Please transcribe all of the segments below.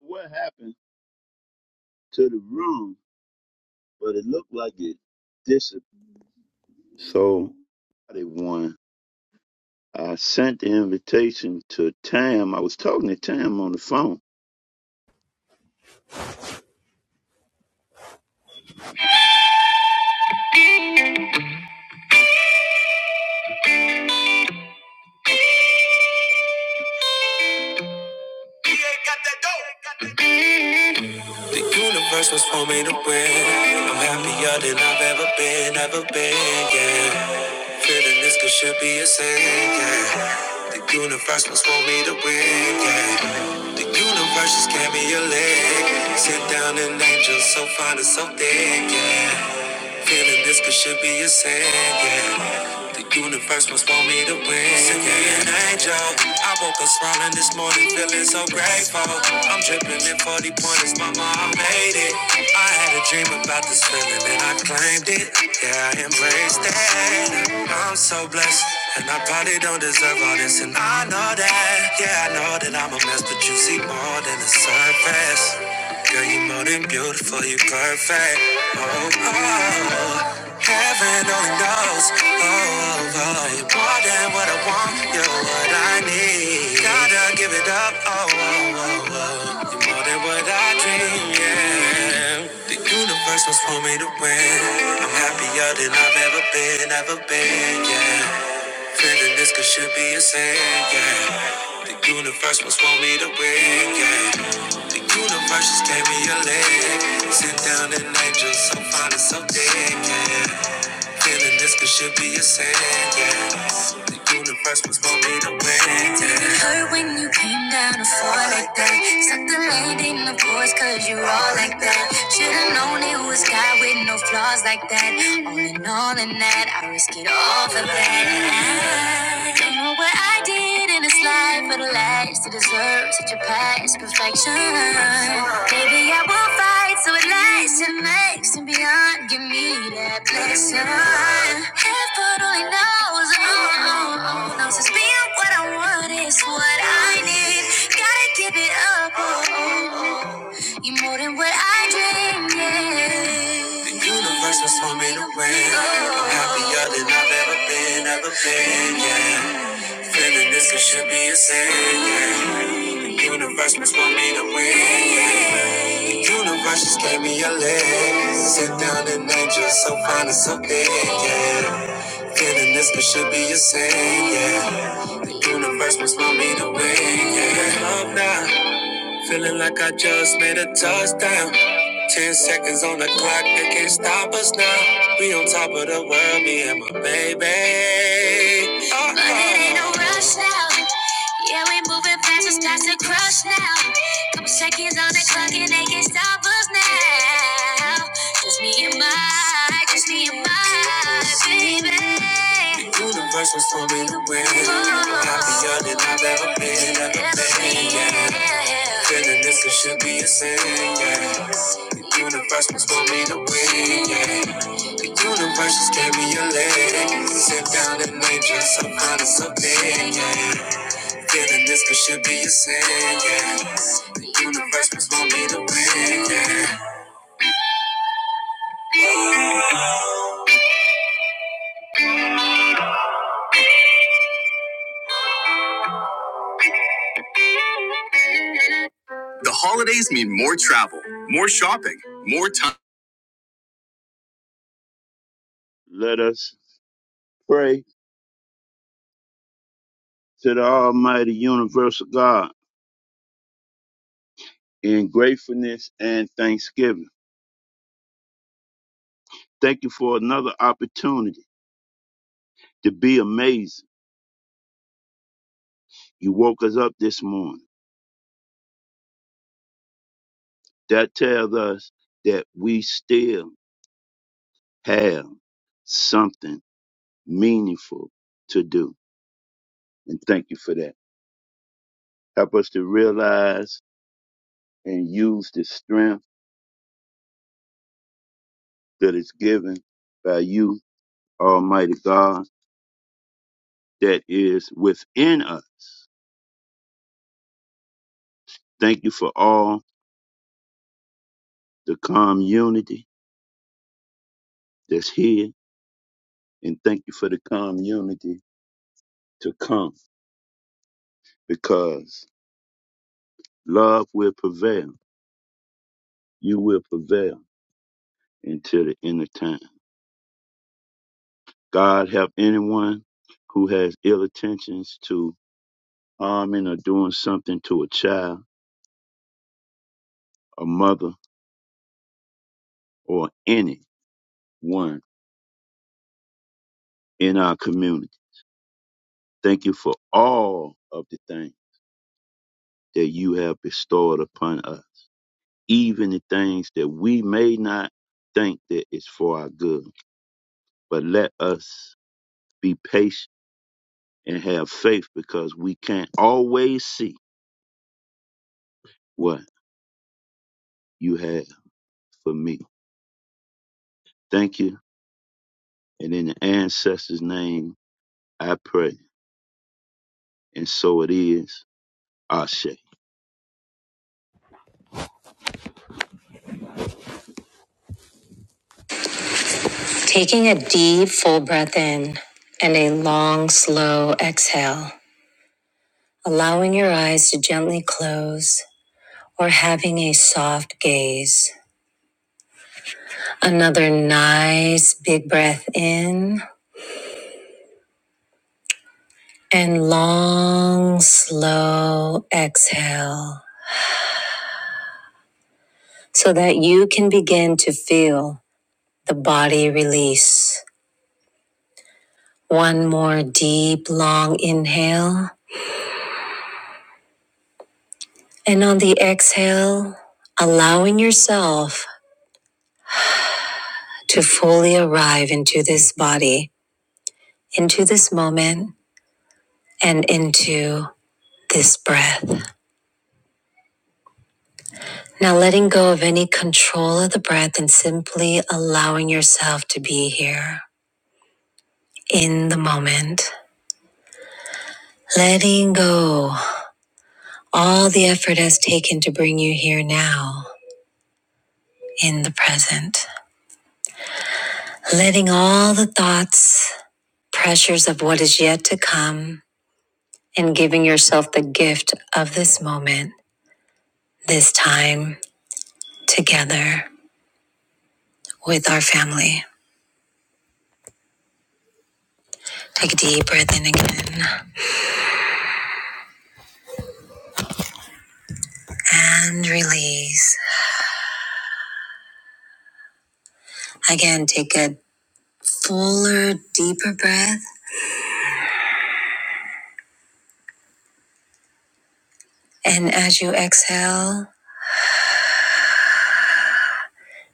What happened to the room? But it looked like it disappeared. So they won. I sent the invitation to Tam. I was talking to Tam on the phone. The universe was for me to win. I'm happier than I've ever been, ever been, yeah. Feeling this could should be a sin, yeah. The universe was for me to win, yeah. The universe just gave me a leg. Sit down and angel so fine and so thick, yeah. Feeling this could should be a sin, yeah. The universe must want me to win. Send me an angel. I woke up smiling this morning, feeling so grateful. I'm dripping in 40 pointers, mama, I made it. I had a dream about this feeling and I claimed it. Yeah, I embraced it. I'm so blessed. And I probably don't deserve all this, and I know that. Yeah, I know that I'm a mess, but you see more than the surface. Girl, you more than beautiful, you perfect. Oh, oh, heaven only knows. Oh, oh, oh, you're more than what I want, you're what I need. Gotta give it up, oh, oh, oh, oh. You're more than what I dream, yeah. The universe was for me to win. I'm happier than I've ever been, ever been, yeah. Feeling this could should be a sin, yeah. The universe must want me to win, yeah. The universe just gave me a leg. Sit down and angel, so fine and so dead, yeah. Feeling this could should be a sin, yeah. The universe was for me to win, yeah. It hurt when you came down to fall like that. Suck the land in the voice cause you're all like that. Should've known it was God with no flaws like that. All in all in that, I risk it all for that. I don't know what I did waited in this life for the lies to deserve such a past perfection. Maybe I will fight so it lasts and makes and beyond. Give me that blessing. Heaven only knows, oh, oh, oh, knows it's being what I want is what I need. Gotta give it up, oh, oh, oh. you are more than what I dreamed. Yeah. The universe was for me to win. I'm happier than I've ever been, ever been, yeah. Feeling this it should be a sin. yeah. The universe must want me to win. yeah. The universe just gave me a leg. Sit down and angel, so fine and so big, yeah. Feeling this it should be a sin, yeah. The universe must want me to win, yeah. Love now. Feeling like I just made a touchdown. Ten seconds on the clock, they can't stop us now. We on top of the world, me and my baby. Uh-oh. But it ain't no rush now. Yeah, we moving fast, it's past the crush now. Couple seconds on the clock and they can't stop us now now. Just me and my, just me and my baby. The universe was for me to win. Happier than I've ever been, ever been. Yeah. Feeling this it should be a sin. Yeah. The universe was for me to win. Yeah. The universe just gave me a leg. Sit down and nature some kind of something. Yeah. Feeling this could should be a sin, yeah. The universe was want me to win, yeah. The holidays mean more travel, more shopping, more time. Let us pray to the Almighty Universal God in gratefulness and thanksgiving. Thank you for another opportunity to be amazing. You woke us up this morning. That tells us that we still have something meaningful to do. And thank you for that. Help us to realize and use the strength that is given by you, Almighty God, that is within us. Thank you for all the community that's here, and thank you for the community to come because love will prevail. You will prevail until the end of time. God help anyone who has ill intentions to harming or doing something to a child, a mother, or anyone in our community. Thank you for all of the things that you have bestowed upon us, even the things that we may not think that is for our good. But let us be patient and have faith because we can't always see what you have for me. Thank you. And in the ancestors' name, I pray, and so it is. Ashe. Taking a deep, full breath in and a long, slow exhale, allowing your eyes to gently close or having a soft gaze. Another nice, big breath in and long, slow exhale so that you can begin to feel the body release. One more deep, long inhale And on the exhale, allowing yourself to fully arrive into this body, into this moment, and into this breath. Now letting go of any control of the breath and simply allowing yourself to be here in the moment. Letting go all the effort has taken to bring you here now in the present. Letting all the thoughts, pressures of what is yet to come, and giving yourself the gift of this moment, this time together with our family. Take a deep breath in again and release. Again, take a fuller, deeper breath. And as you exhale,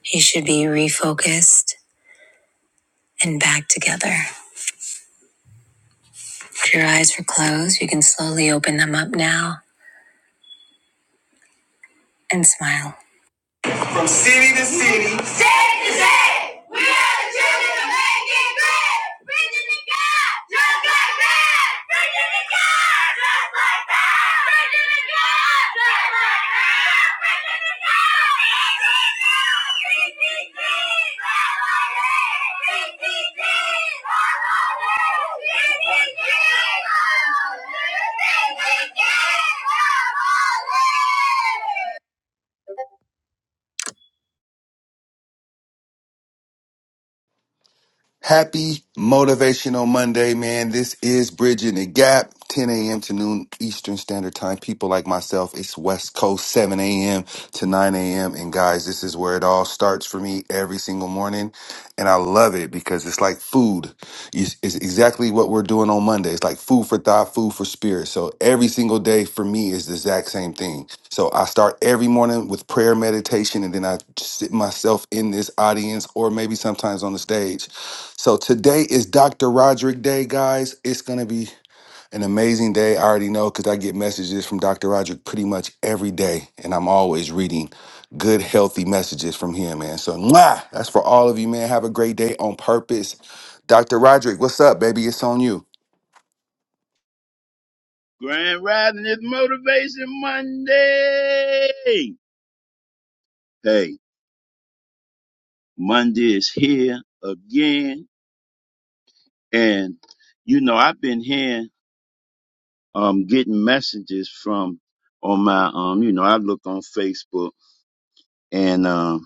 you should be refocused and back together. If your eyes were closed, you can slowly open them up now and smile. From city to city. State to state. We are the children of making good. Preaching to God just like that. Preaching to God just like that. Preaching to God just like that. Preaching to God. PTT. PTT. PTT. PTT. PTT. Happy Motivational Monday, man. This is Bridging the Gap, 10 a.m. to noon Eastern Standard Time. People like myself, it's West Coast, 7 a.m. to 9 a.m. And guys, this is where it all starts for me every single morning. And I love it because it's like food. It's it's exactly what we're doing on Monday. It's like food for thought, food for spirit. So every single day for me is the exact same thing. So I start every morning with prayer meditation, and then I sit myself in this audience or maybe sometimes on the stage so today is Dr. Roderick Day, guys. It's going to be an amazing day. I already know because I get messages from Dr. Roderick pretty much every day, and I'm always reading good, healthy messages from him, man. So, mwah, that's for all of you, man. Have a great day on purpose. Dr. Roderick, what's up, baby? It's on you. Grand Rising is Motivation Monday. Hey, Monday is here again, and you know I've been here um getting messages from on my um you know I look on Facebook and um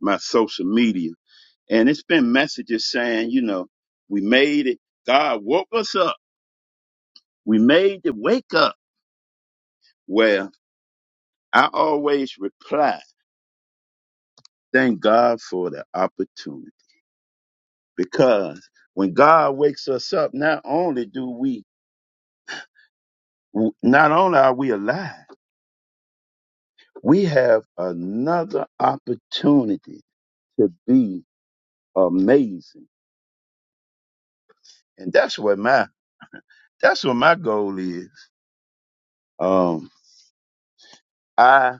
my social media, and it's been messages saying you know we made it. God woke us up. We made the wake up. Well, I always reply. Thank God for the opportunity because when God wakes us up, not only do we, not only are we alive, we have another opportunity to be amazing. And that's what my, that's what my goal is. Um, I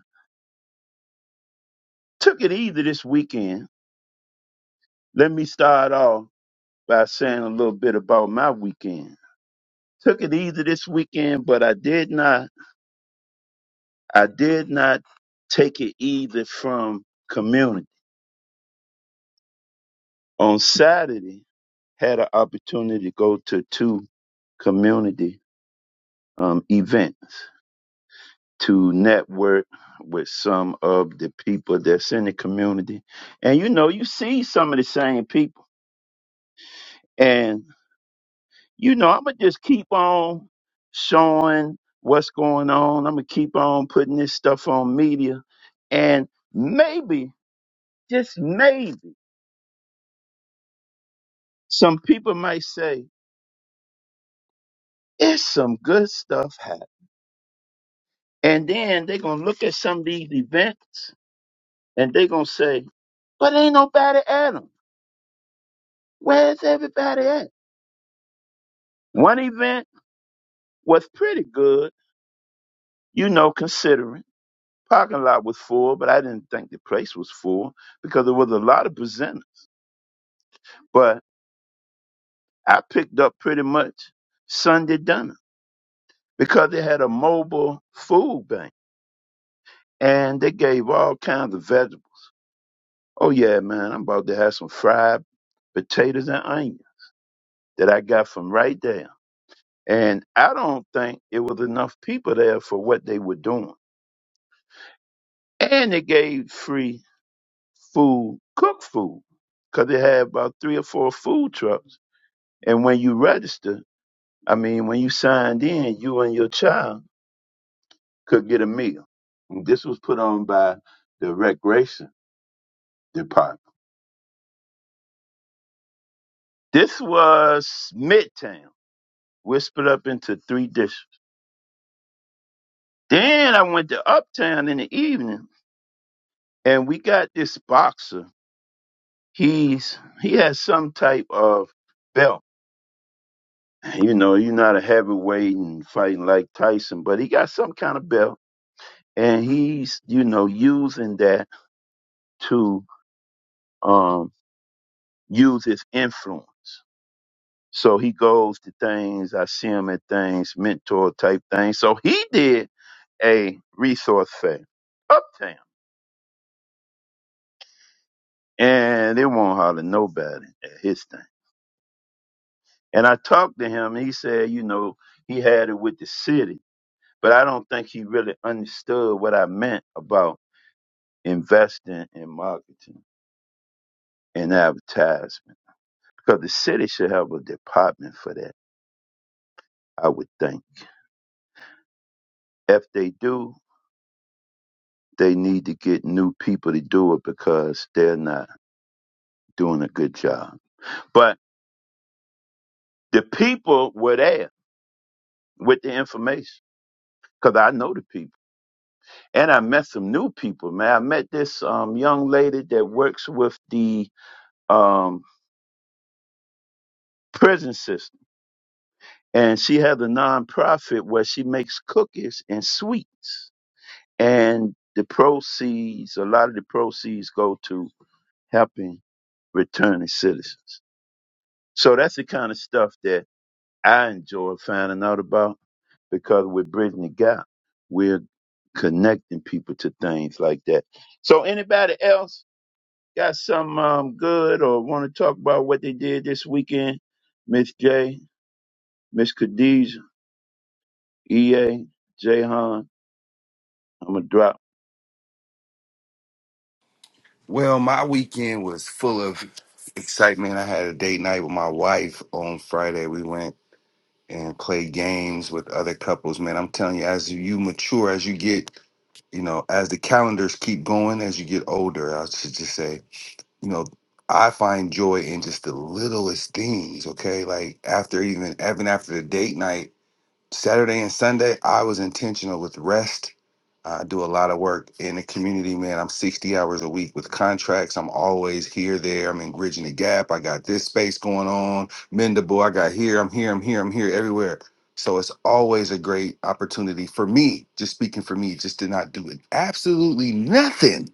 took it easy this weekend. Let me start off by saying a little bit about my weekend. Took it easy this weekend, but I did not I did not take it either from community. On Saturday, had an opportunity to go to two community um, events to network with some of the people that's in the community. And you know, you see some of the same people. And you know, I'm gonna just keep on showing what's going on. I'm gonna keep on putting this stuff on media. And maybe, just maybe, some people might say, It's some good stuff happening. And then they're going to look at some of these events and they're going to say, but ain't nobody at 'em. Where's everybody at? One event was pretty good, you know, considering. Parking lot was full, but I didn't think the place was full because there was a lot of presenters. But I picked up pretty much Sunday dinner because they had a mobile food bank and they gave all kinds of vegetables. Oh yeah, man, I'm about to have some fried potatoes and onion that I got from right there. And I don't think it was enough people there for what they were doing. And they gave free food, cooked food, 'cause they had about three or four food trucks. And when you registered, I mean, when you signed in, you and your child could get a meal. And this was put on by the recreation department. This was Midtown, whispered up into three dishes. Then I went to Uptown in the evening, and we got this boxer. He's he has some type of belt. You know, you're not a heavyweight and fighting like Tyson, but he got some kind of belt, and he's you know using that to um use his influence. So he goes to things. I see him at things, mentor type things. So he did a resource fair uptown, and they won't holler nobody at his thing. And I talked to him. He said, you know, he had it with the city, but I don't think he really understood what I meant about investing in marketing and advertisement because the city should have a department for that, I would think. If they do, they need to get new people to do it because they're not doing a good job. But the people were there with the information because I know the people. And I met some new people, man. I met this um, young lady that works with the um, prison system. And she has a nonprofit where she makes cookies and sweets. And the proceeds, a lot of the proceeds go to helping returning citizens. So that's the kind of stuff that I enjoy finding out about because we're bridging the gap. We're connecting people to things like that. So anybody else got some um, good or want to talk about what they did this weekend? Miss J, Miss Khadija? EA, Jayhan, I'm gonna drop. Well, my weekend was full of excitement. I had a date night with my wife on Friday. We went and played games with other couples, man. I'm telling you, as you mature, as you get, you know, as the calendars keep going, as you get older, I should just say, you know, I find joy in just the littlest things. Okay, like after even even after the date night Saturday and Sunday, I was intentional with rest. I do a lot of work in the community, man. I'm 60 hours a week with contracts. I'm always here, there. I'm in bridging the gap. I got this space going on, Mendable. I got here, I'm here, I'm here, I'm here, everywhere. So it's always a great opportunity for me, just speaking for me, just to not do it. Absolutely nothing.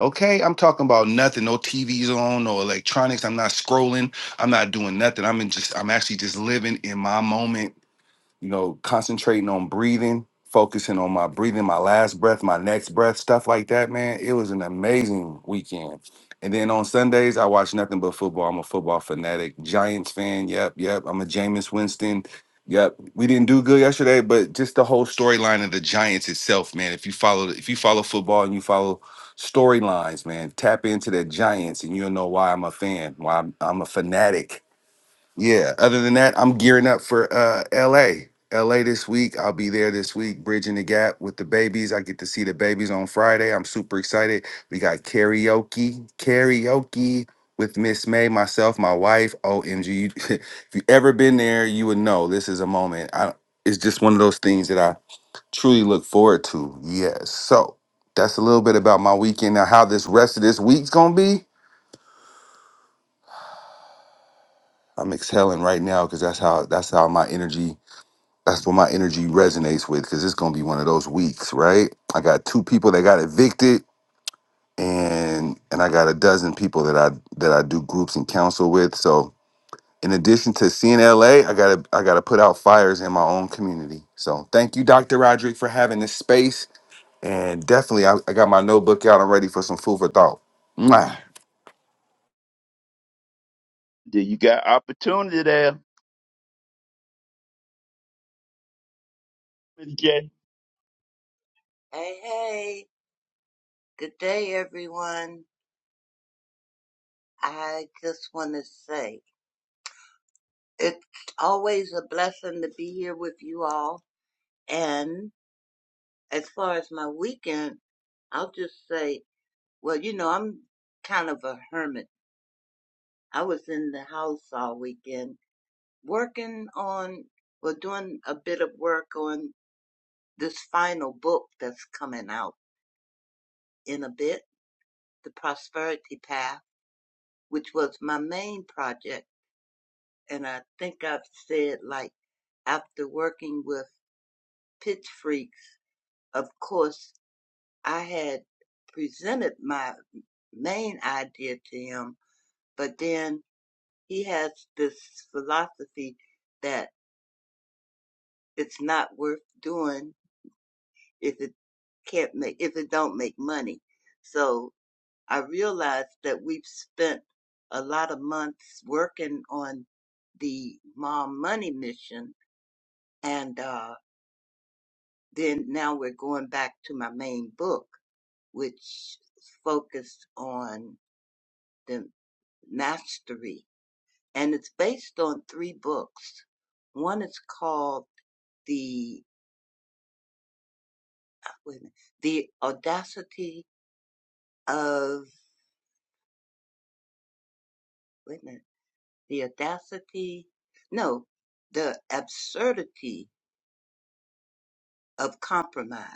Okay. I'm talking about nothing. No TVs on, no electronics. I'm not scrolling. I'm not doing nothing. I'm in just, I'm actually just living in my moment you know, concentrating on breathing, focusing on my breathing, my last breath, my next breath, stuff like that, man. It was an amazing weekend. And then on Sundays, I watch nothing but football. I'm a football fanatic, Giants fan. Yep, yep. I'm a Jameis Winston. Yep. We didn't do good yesterday, but just the whole storyline of the Giants itself, man. If you follow, if you follow football and you follow storylines, man, tap into the Giants, and you'll know why I'm a fan, why I'm, I'm a fanatic yeah. Other than that, I'm gearing up for uh LA. LA this week. I'll be there this week, bridging the gap with the babies. I get to see the babies on Friday. I'm super excited. We got karaoke, karaoke with Miss May, myself, my wife. OMG. you- if you ever been there, you would know this is a moment. I, it's just one of those things that I truly look forward to. Yes. So that's a little bit about my weekend. Now, how this rest of this week's gonna be. I'm exhaling right now because that's how that's how my energy That's what my energy resonates with because it's gonna be one of those weeks, right? I got two people that got evicted, and and I got a dozen people that I that I do groups and counsel with. So in addition to seeing LA, I gotta I gotta put out fires in my own community. So thank you, Dr. Roderick, for having this space, and definitely I, I got my notebook out. I'm ready for some food for thought. Mwah. Did you got opportunity there, Miss J? Hey, hey, good day, everyone. I just want to say it's always a blessing to be here with you all. And as far as my weekend, I'll just say, well, you know, I'm kind of a hermit. I was in the house all weekend working on, well, doing a bit of work on this final book that's coming out in a bit, The Prosperity Path, which was my main project and I think I've said like after working with Pitch Freaks, of course, I had presented my main idea to him, but then he has this philosophy that it's not worth doing if it can't make if it don't make money. So I realized that we've spent a lot of months working on the mom money mission and uh, then now we're going back to my main book, which focused on the mastery. And it's based on three books. One is called the, wait a minute, the audacity of, wait a minute, the audacity, no, the absurdity of compromise.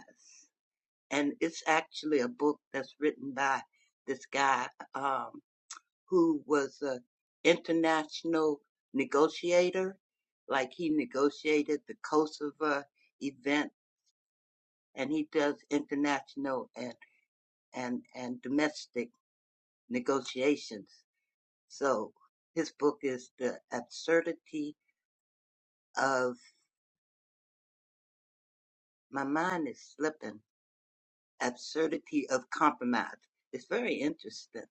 And it's actually a book that's written by this guy. Um, who was a international negotiator. Like he negotiated the Kosovo event, and he does international and and and domestic negotiations. So his book is the absurdity of my mind is slipping. Absurdity of compromise. It's very interesting.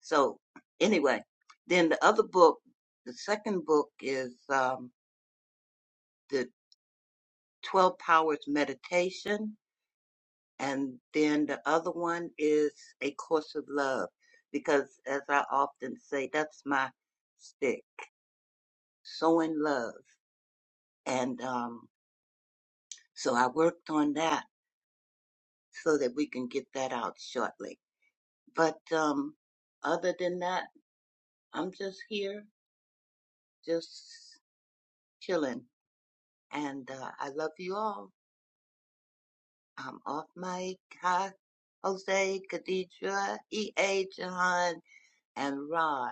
So anyway, then the other book, the second book is um, The 12 Powers Meditation. And then the other one is A Course of Love. Because as I often say, that's my stick, sowing love. And um, so I worked on that so that we can get that out shortly. But um, other than that, I'm just here, just chilling. And uh, I love you all. I'm off mic. Hi, Jose, Khadija, EA, Jahan, and Rod.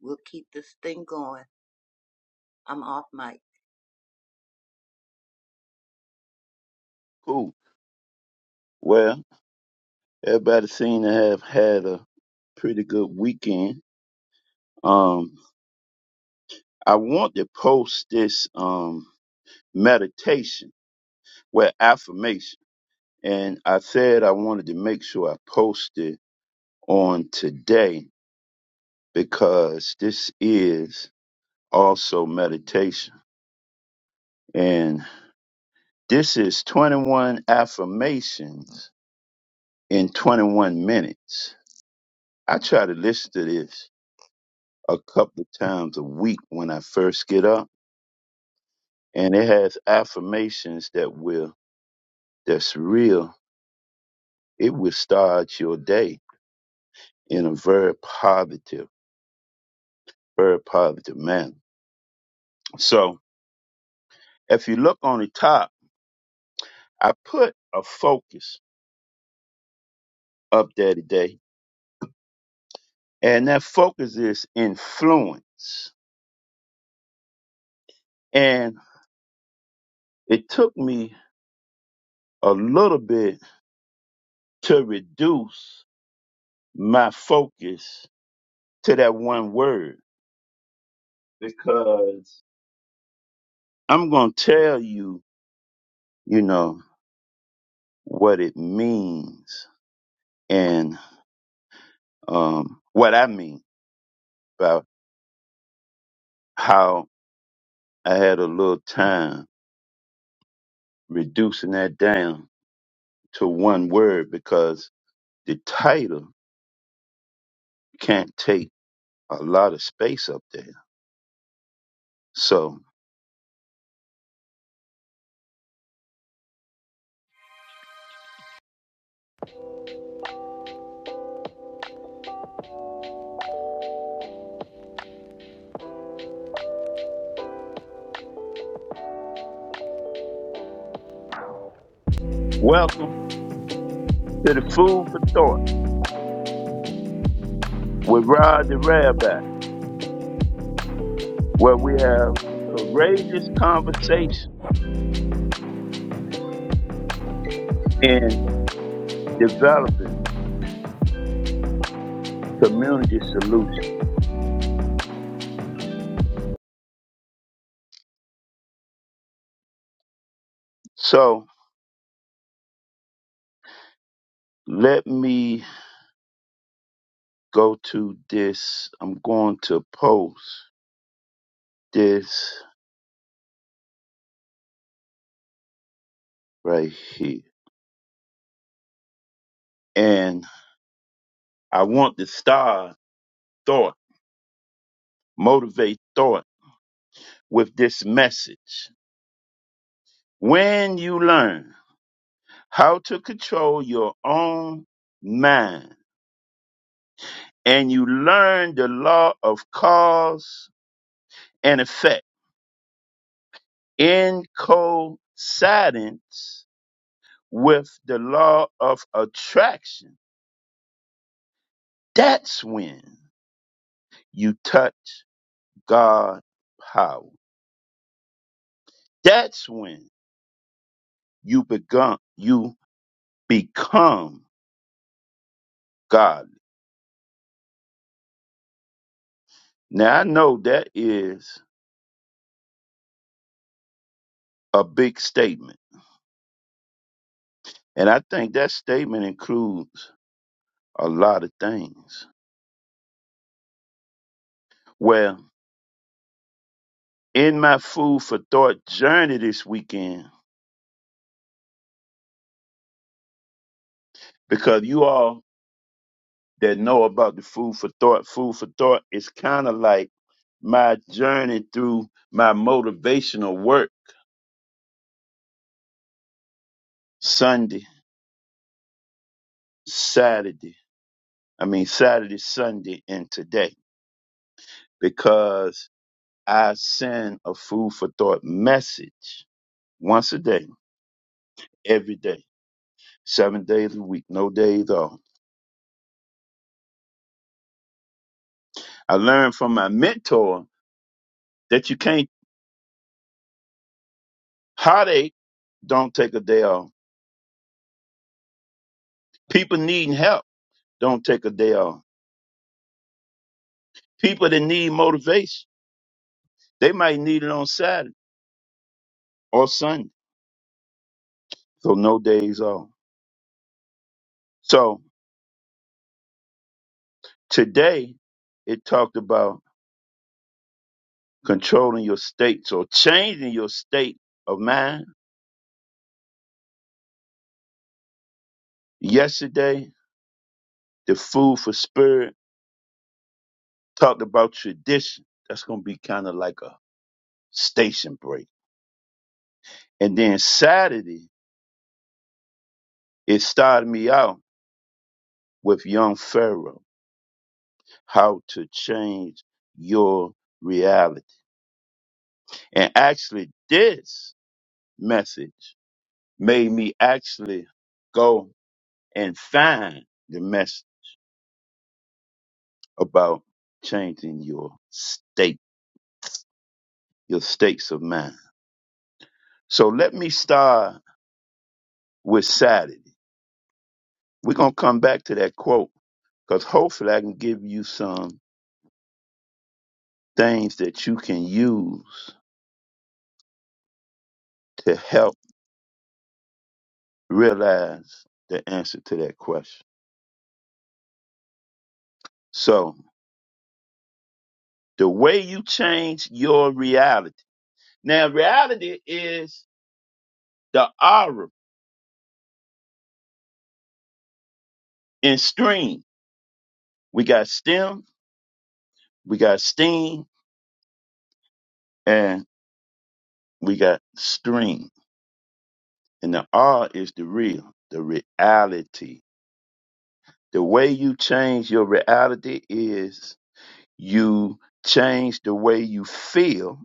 We'll keep this thing going. I'm off mic. Cool. Well, everybody seemed to have had a pretty good weekend. Um, I want to post this um meditation, well affirmation, and I said I wanted to make sure I posted on today because this is also meditation, and this is 21 affirmations in 21 minutes. I try to listen to this a couple of times a week when I first get up, and it has affirmations that will that's real. It will start your day in a very positive, very positive manner. So if you look on the top, I put a focus up there today, and that focus is influence. And it took me a little bit to reduce my focus to that one word because I'm going to tell you, you know, what it means and um, what I mean about how I had a little time reducing that down to one word because the title can't take a lot of space up there. So, welcome to the Food for Thought with Rod the Rabbi, where we have courageous conversation in developing. community solution. So let me go to this. I'm going to post this right here. And I want to start thought, motivate thought with this message. When you learn how to control your own mind and you learn the law of cause and effect in coincidence with the law of attraction That's when you touch God power. That's when you become you become godly. Now I know that is a big statement. And I think that statement includes a lot of things. Well, in my food for thought journey this weekend, because you all that know about the food for thought, food for thought is kind of like my journey through my motivational work Sunday Saturday, I mean Saturday, Sunday, and today because I send a food for thought message once a day, every day, seven days a week, no days off. I learned from my mentor that you can't heartache, don't take a day off. People needing help, don't take a day off. People that need motivation, they might need it on Saturday or Sunday, so no days off. So today it talked about controlling your states or changing your state of mind. Yesterday, the food for spirit talked about tradition. That's going to be kind of like a station break. And then Saturday, it started me out with young Pharaoh, how to change your reality. And actually, this message made me actually go and find the message about changing your state your states of mind. So let me start with Saturday. We're going to come back to that quote because hopefully I can give you some things that you can use to help realize the answer to that question. So the way you change your reality. Now reality is the aura and stream. We got stem, we got steam, and we got stream. And the R is the real, the reality The way you change your reality is you change the way you feel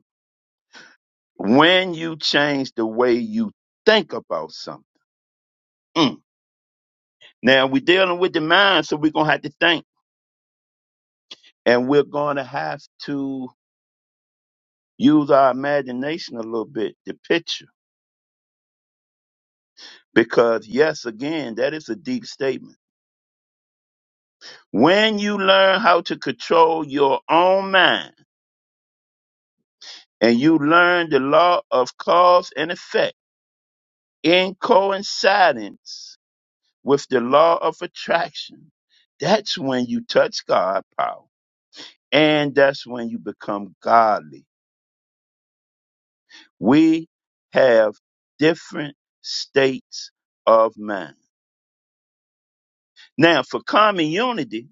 when you change the way you think about something. Mm. Now we're dealing with the mind, so we're gonna have to think, and we're gonna have to use our imagination a little bit to picture. Because yes, again, that is a deep statement. When you learn how to control your own mind and you learn the law of cause and effect in coincidence with the law of attraction, that's when you touch God power. And that's when you become godly. We have different states of mind. Now, for common unity,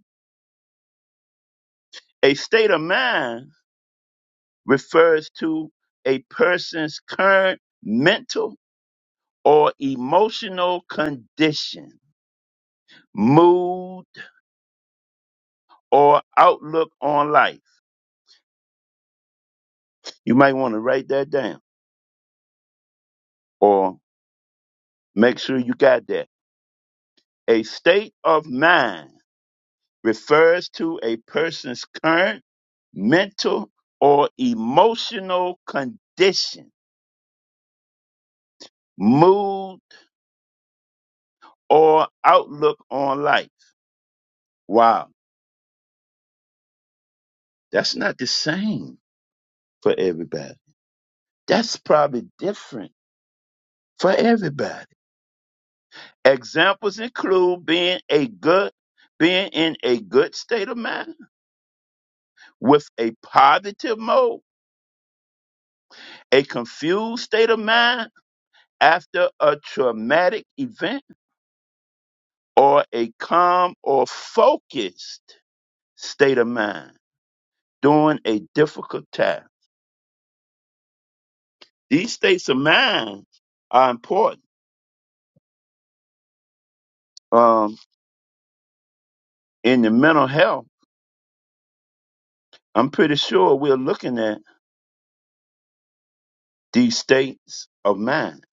a state of mind refers to a person's current mental or emotional condition, mood, or outlook on life. You might want to write that down or make sure you got that. A state of mind refers to a person's current mental or emotional condition, mood, or outlook on life. Wow, that's not the same for everybody. That's probably different for everybody. Examples include being a good being in a good state of mind with a positive mode, a confused state of mind after a traumatic event or a calm or focused state of mind during a difficult time. These states of mind are important um, in the mental health. I'm pretty sure we're looking at these states of mind.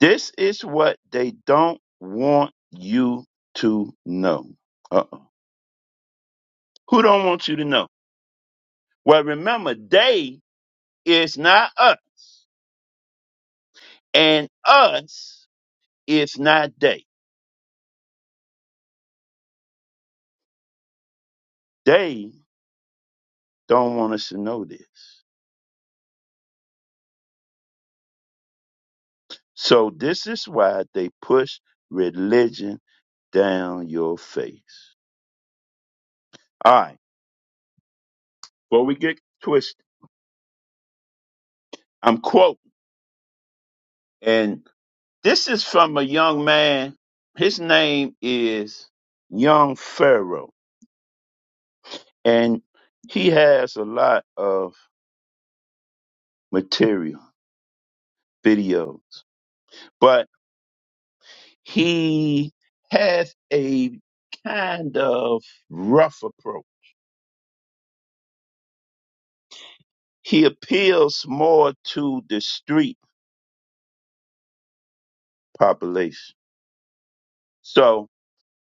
This is what they don't want you to know. Uh-oh. Who don't want you to know? Well, remember, they is not us, and us is not they. They don't want us to know this. So this is why they push religion down your face. All right, before we get twisted, I'm quoting, and this is from a young man. His name is Young Pharaoh, and he has a lot of material, videos, but he has a kind of rough approach he appeals more to the street population. So,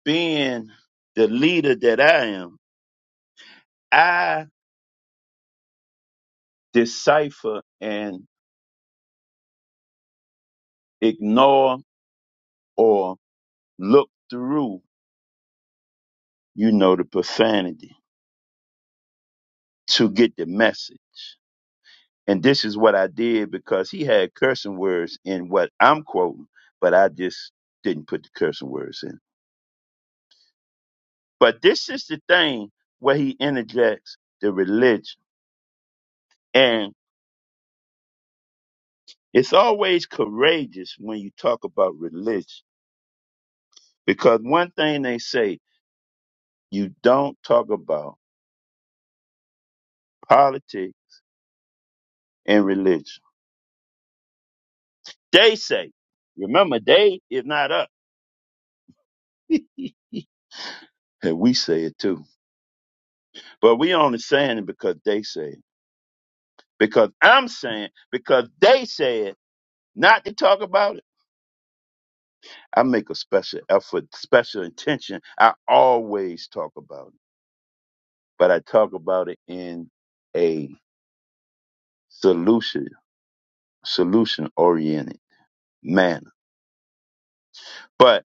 being the leader that I am, I decipher and ignore or look through, you know, the profanity to get the message. And this is what I did because he had cursing words in what I'm quoting, but I just didn't put the cursing words in. But this is the thing where he interjects the religion. It's always courageous when you talk about religion because one thing they say, you don't talk about politics and religion. They say, remember, they is not us. and we say it too. But we only saying it because they say it. Because I'm saying, because they said not to talk about it. I make a special effort, special intention. I always talk about it, but I talk about it in a solution, solution oriented. manner. But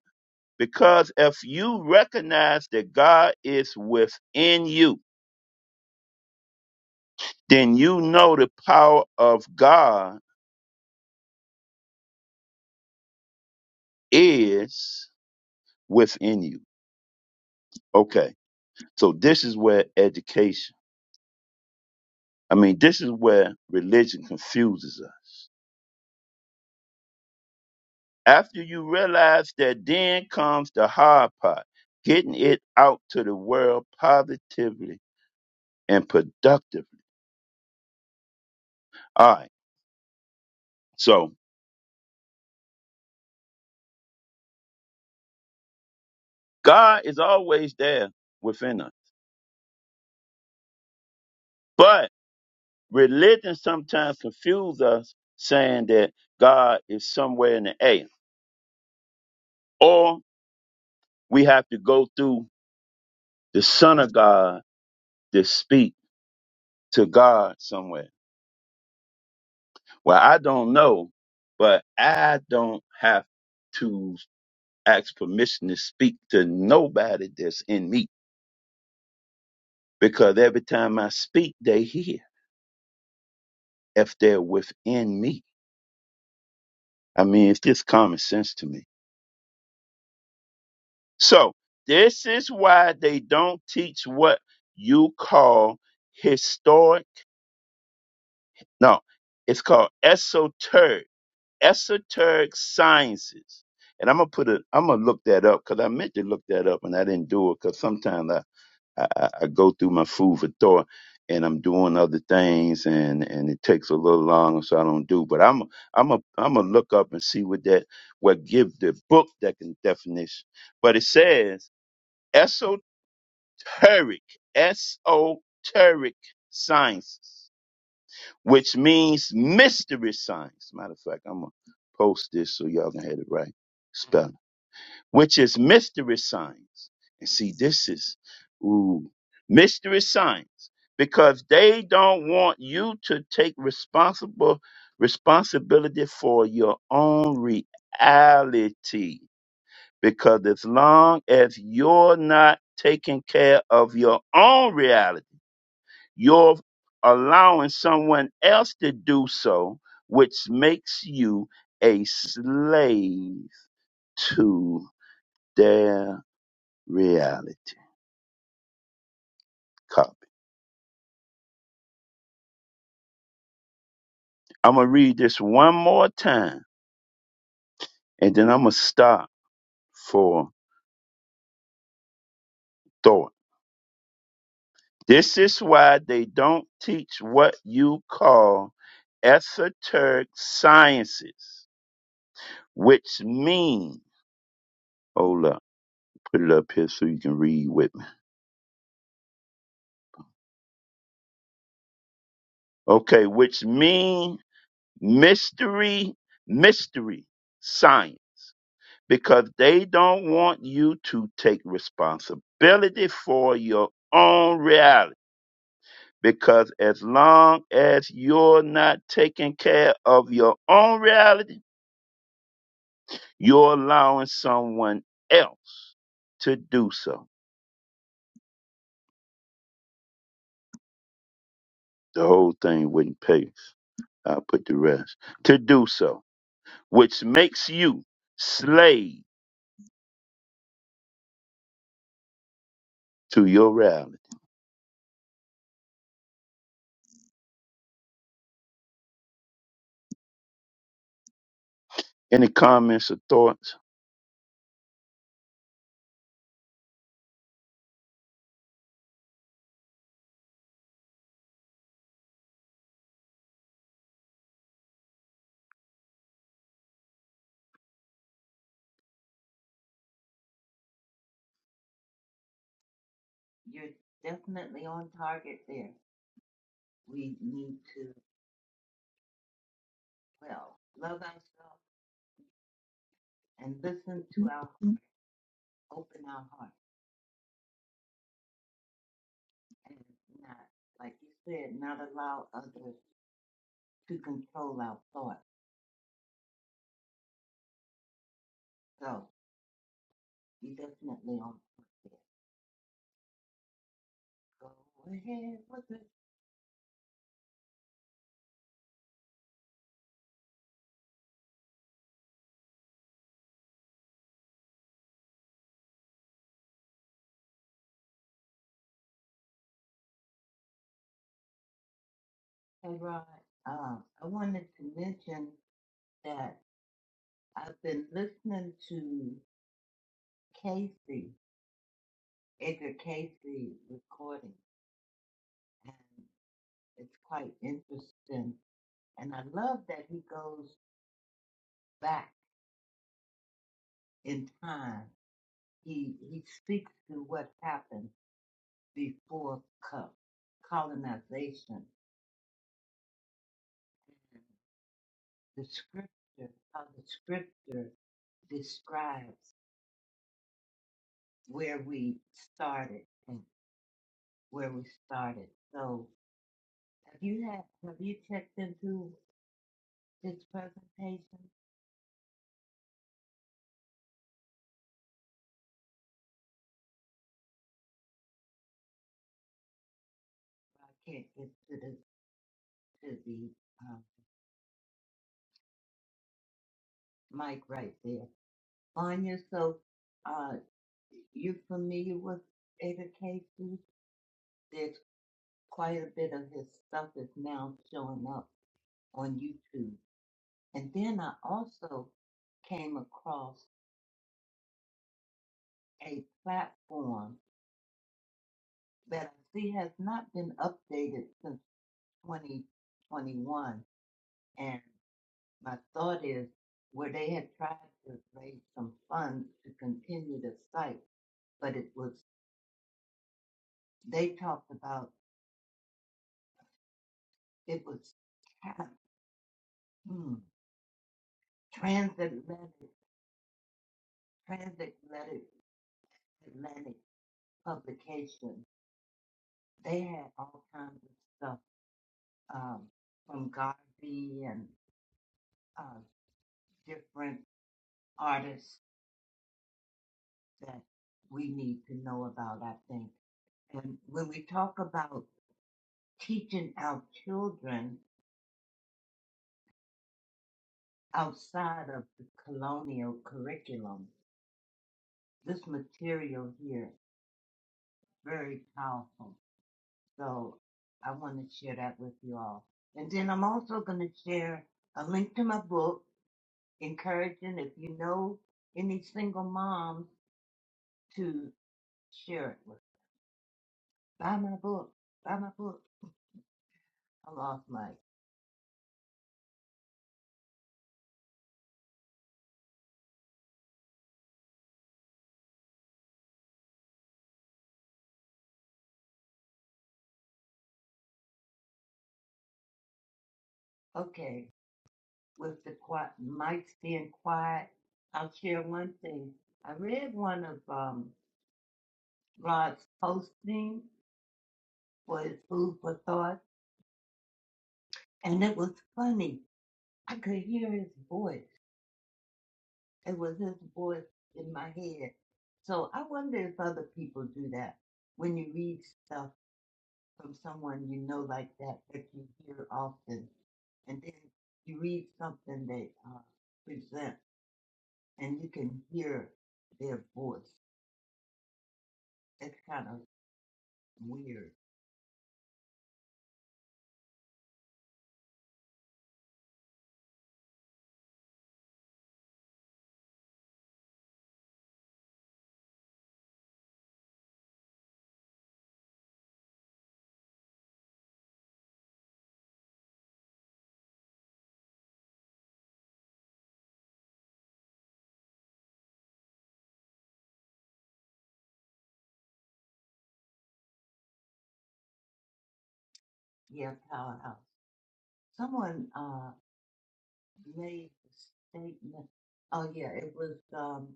because if you recognize that God is within you, then you know the power of God is within you. Okay. So this is where education, I mean, this is where religion confuses us. After you realize that, then comes the hard part getting it out to the world positively and productively. All right. So God is always there within us. But Religion sometimes confuses us saying that God is somewhere in the air, or we have to go through the Son of God to speak to God somewhere. Well, I don't know, but I don't have to ask permission to speak to nobody that's in me because every time I speak, they hear if they're within me. I mean, it's just common sense to me. So this is why they don't teach what you call historic. No, it's called esoteric, esoteric sciences. And I'm gonna put it. I'm gonna look that up because I meant to look that up and I didn't do it because sometimes I, I I I go through my food for thought and I'm doing other things and and it takes a little longer so I don't do. But I'm I'm a I'm gonna look up and see what that what give the book that can definition. But it says esoteric, esoteric sciences, which means mystery science. Matter of fact, I'm gonna post this so y'all can have it right spelling, which is mystery science. And see, this is ooh mystery science because they don't want you to take responsible responsibility for your own reality. Because as long as you're not taking care of your own reality you're allowing someone else to do so, which makes you a slave to their reality. Copy. I'm going to read this one more time and then I'm going to stop for thought. This is why they don't teach what you call esoteric sciences, which mean, hold up, put it up here so you can read with me. Okay, which mean mystery, mystery science, because they don't want you to take responsibility for your own reality. Because as long as you're not taking care of your own reality, you're allowing someone else to do so. The whole thing wouldn't pay. I'll put the rest to do so, which makes you slave to your reality. Any comments or thoughts? You're definitely on target there. We need to, well, love ourselves and listen to our, open our heart and not, like you said, not allow others to control our thoughts. So you definitely on. Go ahead with it. Hey, Rod. Uh, I wanted to mention that I've been listening to Casey, Edgar Casey recording, and it's quite interesting And I love that he goes back in time. He he speaks to what happened before co- colonization. And the scripture, how the scripture describes where we started and where we started. So have you had have you checked into this presentation? I can't get to the to the uh, mic right there. Anya. So. uh, you familiar with Ada Casey? There's quite a bit of his stuff is now showing up on YouTube. And then I also came across a platform that I see has not been updated since 2021. And my thought is where they had tried to raise some funds to continue the site, but it was, they talked about it was tra- hmm, transatlantic. Transatlantic Atlantic publication. They had all kinds of stuff um, from Garvey and uh, different artists that we need to know about, I think. And when we talk about teaching our children outside of the colonial curriculum, this material here is very powerful. So I want to share that with you all. And then I'm also going to share a link to my book encouraging if you know any single moms to share it with. Buy my book. Buy my book. I lost Mike. Okay. With the quiet mics being quiet, I'll share one thing. I read one of um Rod's posting for his food for thought and it was funny. I could hear his voice. It was his voice in my head. So I wonder if other people do that when you read stuff from someone you know like that that you hear often, and then you read something they uh, present, and you can hear their voice. It's kind of weird. Yeah, powerhouse. Someone uh, made a statement. Oh yeah, it was um,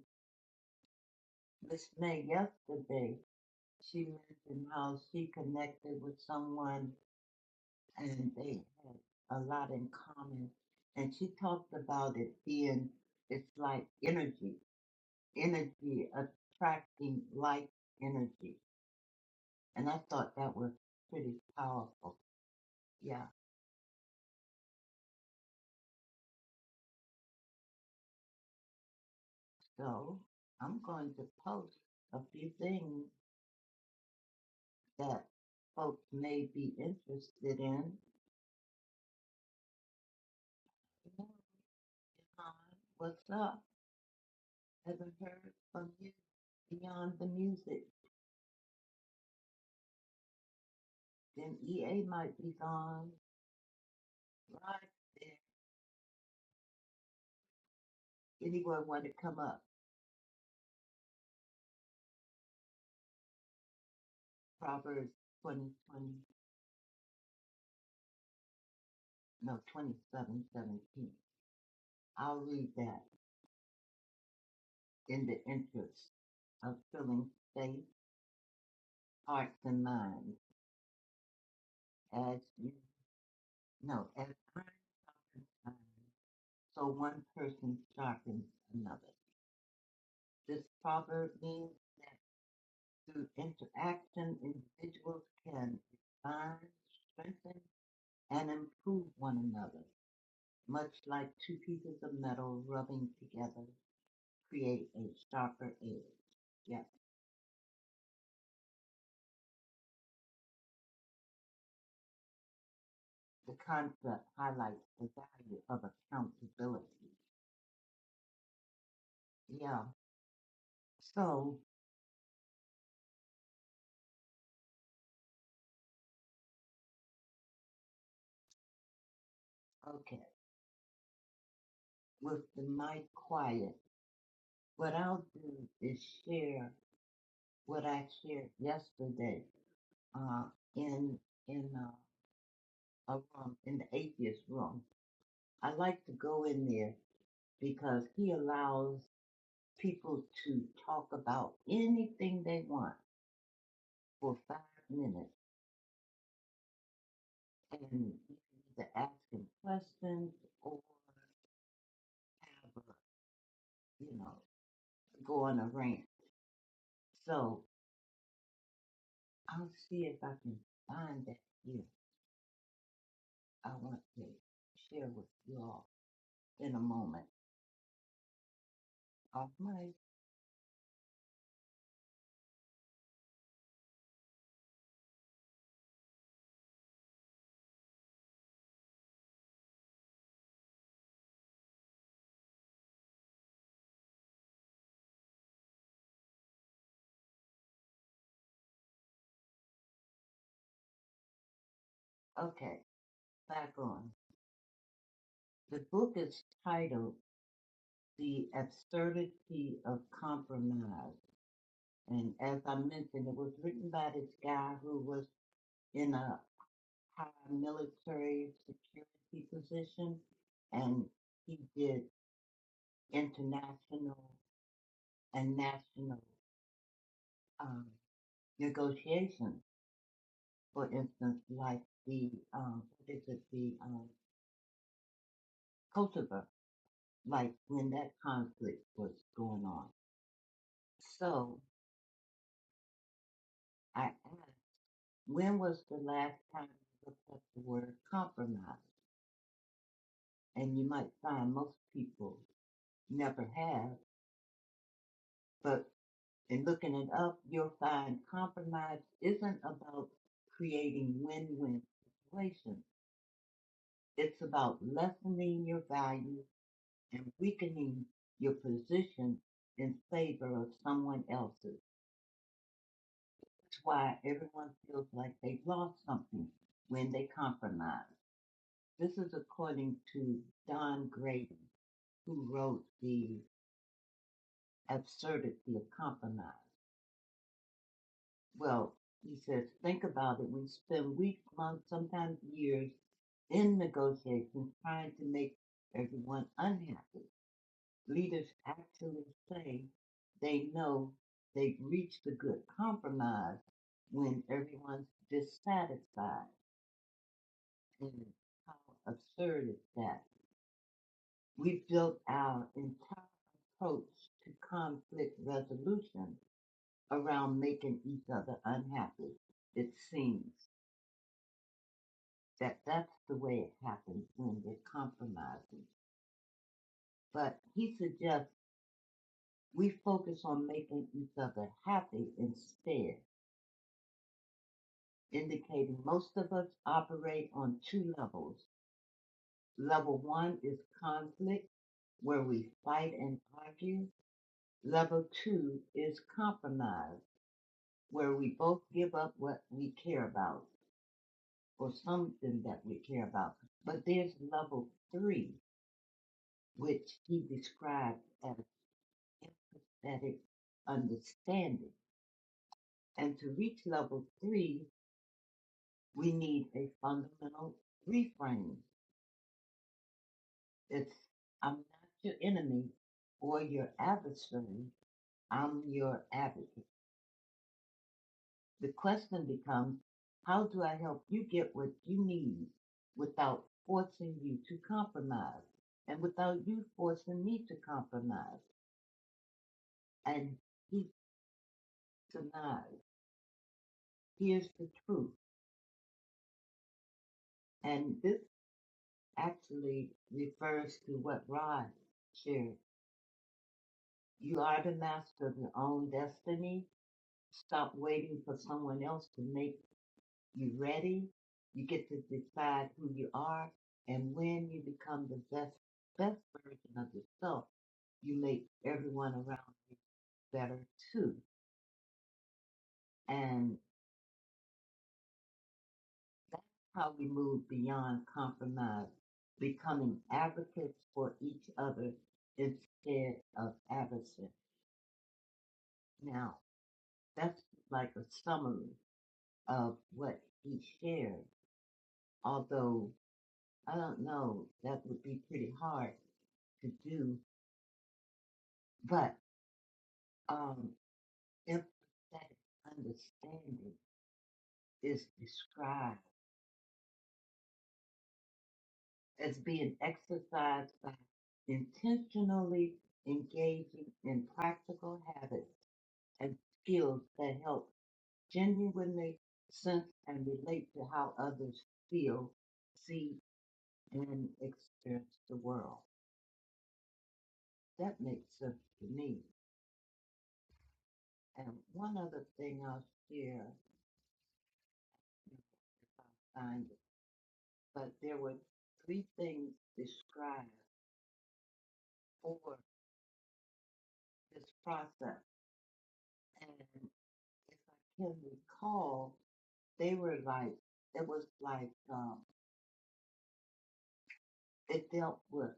Miss May yesterday. She mentioned how she connected with someone and they had a lot in common. And she talked about it being, it's like energy, energy attracting like energy. And I thought that was pretty powerful. Yeah. So I'm going to post a few things that folks may be interested in. Hi, What's up? Haven't heard from you beyond the music. Then EA might be gone. Right Anyone want to come up? Proverbs twenty twenty no, 20 I'll read that in the interest of filling faith, hearts, and minds. As you, no, as iron sharpens iron, so one person sharpens another. This proverb means that through interaction, individuals can refine, strengthen, and improve one another, much like two pieces of metal rubbing together create a sharper edge. Yes, the concept highlights the value of accountability. Yeah, so, okay, with the mic quiet, what I'll do is share what I shared yesterday uh, in, in uh, a room, in the atheist room. I like to go in there because he allows people to talk about anything they want for five minutes and to ask him questions or have a, you know, go on a rant. So I'll see if I can find that here. I want to share with you all in a moment. Off mic. okay, back on. The book is titled The Absurdity of Compromise. And as I mentioned, it was written by this guy who was in a uh, military security position, and he did international and national um, negotiations. For instance, like the um, what is it, the um, Kosovo, like when that conflict was going on. So I asked, when was the last time you looked up the word compromise? And you might find most people never have, but. and looking it up, you'll find compromise isn't about creating win-win situations. It's about lessening your value and weakening your position in favor of someone else's. That's why everyone feels like they've lost something when they compromise. This is according to Don Graydon, who wrote The Absurdity of Compromise. Well, he says, think about it. We spend weeks, months, sometimes years Then negotiations trying to make everyone unhappy. Leaders actually say they know they've reached a good compromise when everyone's dissatisfied. And how absurd is that? We built our entire approach to conflict resolution around making each other unhappy. It seems that that's the way it happens when we're compromising. But he suggests We focus on making each other happy instead, indicating most of us operate on two levels. Level one is conflict, where we fight and argue. Level two is compromise, where we both give up what we care about or something that we care about. But there's level three, which he described as empathetic understanding. And to reach level three, We need a fundamental reframe. It's I'm not your enemy or your adversary, I'm your advocate. The question becomes how do I help you get what you need without forcing you to compromise and without you forcing me to compromise? And he denies. Here's the truth. And this actually refers to what Rod shared. You are the master of your own destiny Stop waiting for someone else to make you ready. You get to decide who you are and when you become the best, best version of yourself, you make everyone around you better too. And that's how we move beyond compromise, becoming advocates for each other instead of adversaries. Now, that's like a summary of what he shared, although I don't know. That would be pretty hard to do. But um, empathetic understanding is described as being exercised by intentionally engaging in practical habits and skills that help genuinely sense and relate to how others feel, see, and experience the world. That makes sense to me. And one other thing I'll share. find it, but there were three things described for this process. And if I can recall, they were like, it was like, um, it dealt with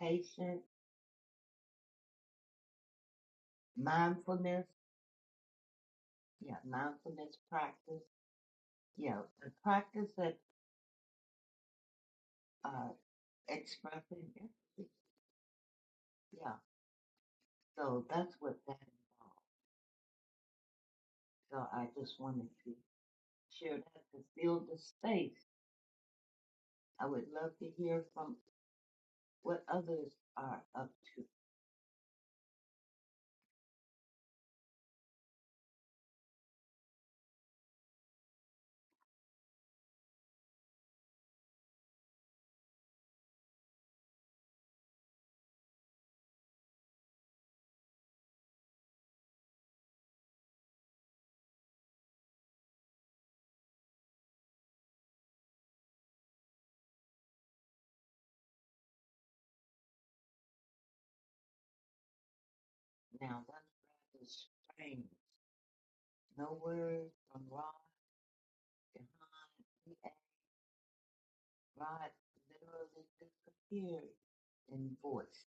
patience, mindfulness, yeah, mindfulness practice, yeah, the practice that uh, expressing empathy, yeah. So that's what that involved. So I just wanted to share that to fill the space. I would love to hear from what others are up to. Now that's rather strange. No word from Rod behind me and Rod literally disappeared in voice.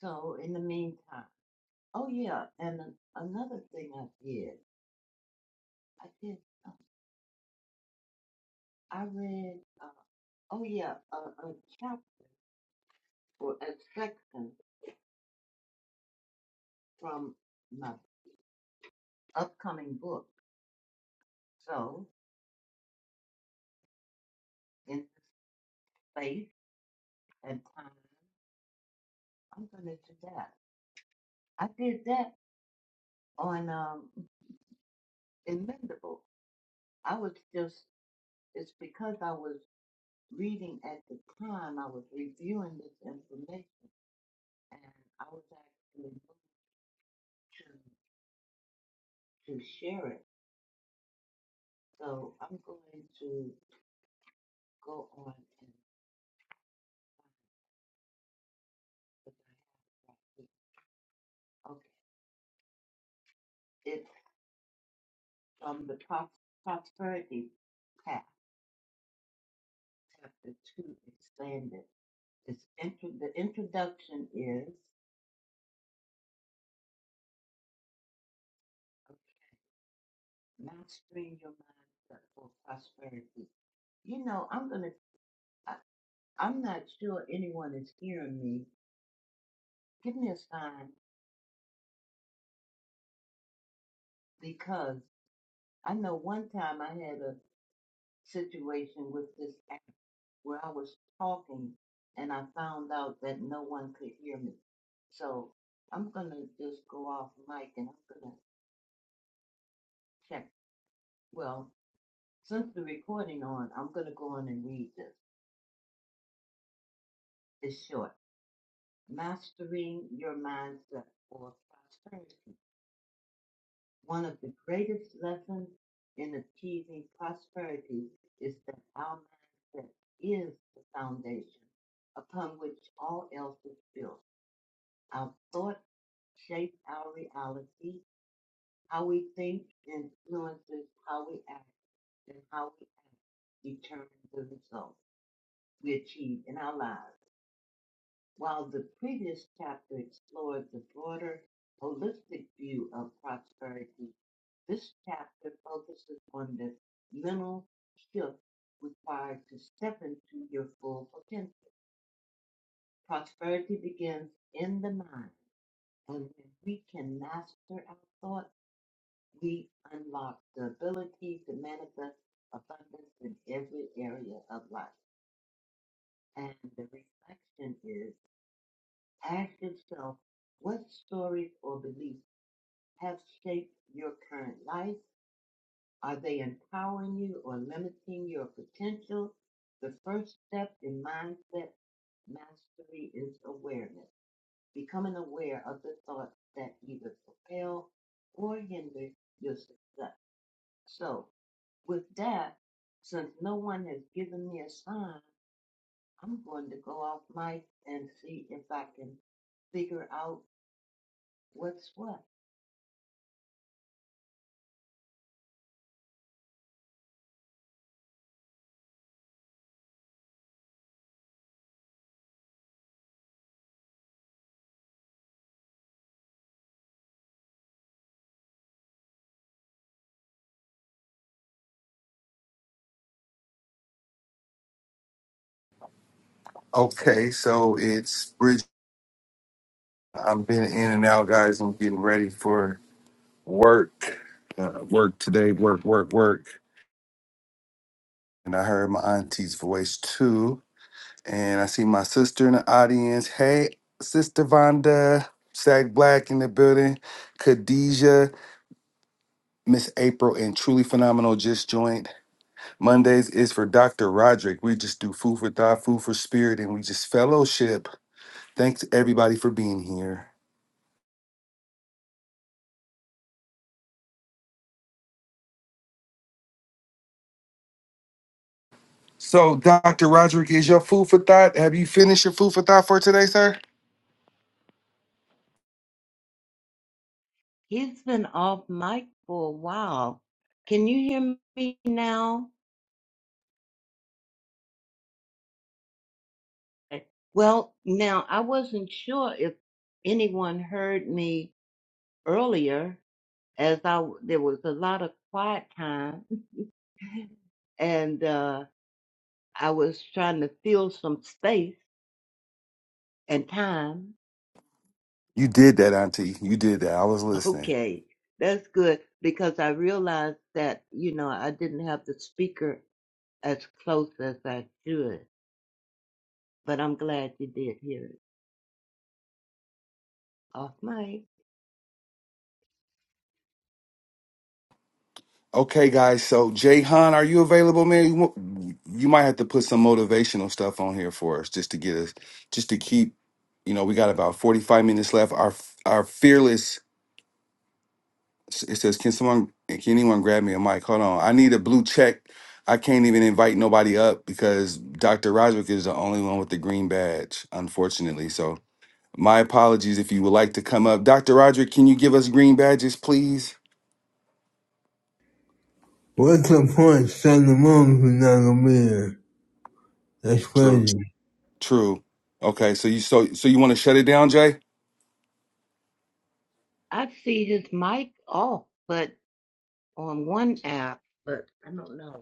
So in the meantime, oh yeah, and an- another thing I did, I did, um, I read, uh, oh yeah, a, a chapter, or a section from my upcoming book. So in the space and time, I'm gonna do that. I did that on um Inventable. I was just it's because I was reading at the time I was reviewing this information and I was actually moved to to share it. So I'm going to go on and find what I have right here. Okay. It's from the Pros- Prosperity Path, chapter two expanded. It's intro the introduction is okay. mastering your mindset for prosperity. You know, I'm gonna. I, I'm not sure anyone is hearing me. Give me a sign because I know one time I had a situation with this app where I was talking and I found out that no one could hear me. So I'm gonna just go off mic and I'm gonna check. Well, since the recording on, I'm gonna go on and read this. It's short. Mastering Your Mindset or Prosperity. One of the greatest lessons in achieving prosperity is that our mindset is the foundation upon which all else is built. Our thoughts shape our reality. How we think influences how we act, and how we act determines the results we achieve in our lives. While the previous chapter explored the broader holistic view of prosperity, this chapter focuses on the mental shift required to step into your full potential. Prosperity begins in the mind, and when we can master our thoughts, we unlock the ability to manifest abundance in every area of life. And the reflection is Ask yourself what stories or beliefs have shaped your current life? Are they empowering you or limiting your potential? The first step in mindset mastery is awareness, becoming aware of the thoughts that either propel or hinder your success. So, with that, since no one has given me a sign, I'm going to go off mic and see if I can figure out what's what. Okay, so it's Bridge. I've been in and out, guys. I'm getting ready for work. Uh, work today. Work, work, work. And I heard my auntie's voice too. And I see my sister in the audience. Hey, Sister Vonda, Sack Black in the building, Khadijah, Miss April, and Truly Phenomenal just joined. Mondays is for Dr. Roderick. We just do food for thought, food for spirit, and we just fellowship. Thanks everybody for being here. So, Dr. Roderick, is your food for thought? Have you finished your food for thought for today, sir? He's been off mic for a while. Can you hear me now? Eh, Well, now I wasn't sure if anyone heard me earlier, as I w- there was a lot of quiet time, and uh, I was trying to fill some space and time. You did that, Auntie. You did that. I was listening. Okay, that's good because I realized that you know I didn't have the speaker as close as I should, but I'm glad you did hear it off mic. Okay, guys. So, Jay Han, are you available, man? You, wa- you might have to put some motivational stuff on here for us, just to get us, just to keep. You know, we got about forty-five minutes left. Our our fearless. It says, can someone, can anyone grab me a mic? Hold on, I need a blue check. I can't even invite nobody up because Dr. Roderick is the only one with the green badge, unfortunately. So, my apologies if you would like to come up. Dr. Roderick, can you give us green badges, please? What's the point Sunday morning if you're not gonna be here? That's True. crazy. True. Okay, so you so so you want to shut it down, Jay? I see his mic off, but on one app, but I don't know.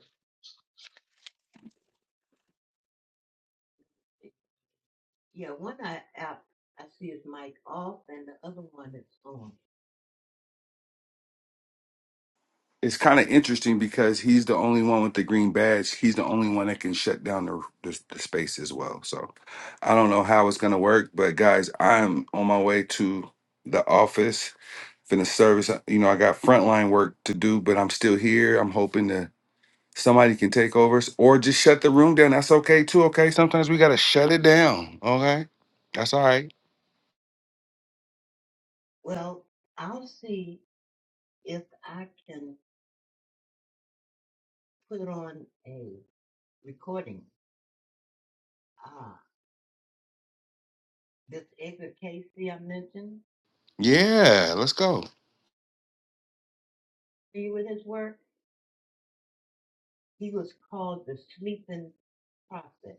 Yeah, one I- app I see his mic off, and the other one is on. It's kind of interesting because he's the only one with the green badge. He's the only one that can shut down the, the, the space as well. So I don't know how it's gonna work, but guys, I'm on my way to the office, finna service. You know, I got frontline work to do, but I'm still here. I'm hoping that somebody can take over s- or just shut the room down. That's okay too. Okay, sometimes we gotta shut it down. Okay, that's all right. Well, I'll see if I can put on a recording. Ah, this Edgar Casey I mentioned Yeah, let's go. to you with his work, he was called the sleeping prophet.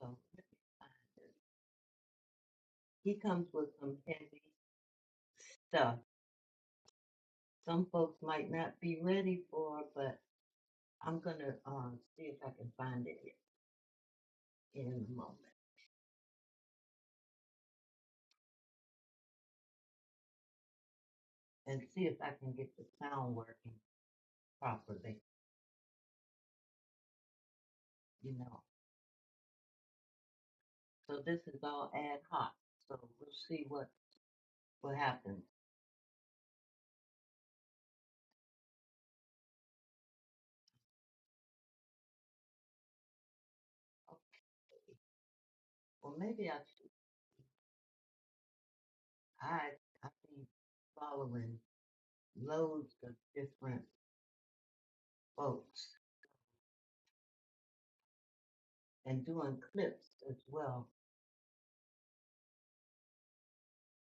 So let me find this. he comes with some heavy stuff. Some folks might not be ready for, but I'm gonna um see if I can find it in a moment and see if I can get the sound working properly, you know. So this is all ad hoc, so we'll see what what happens. Okay, well maybe I should, I I've been following loads of different folks and doing clips as well.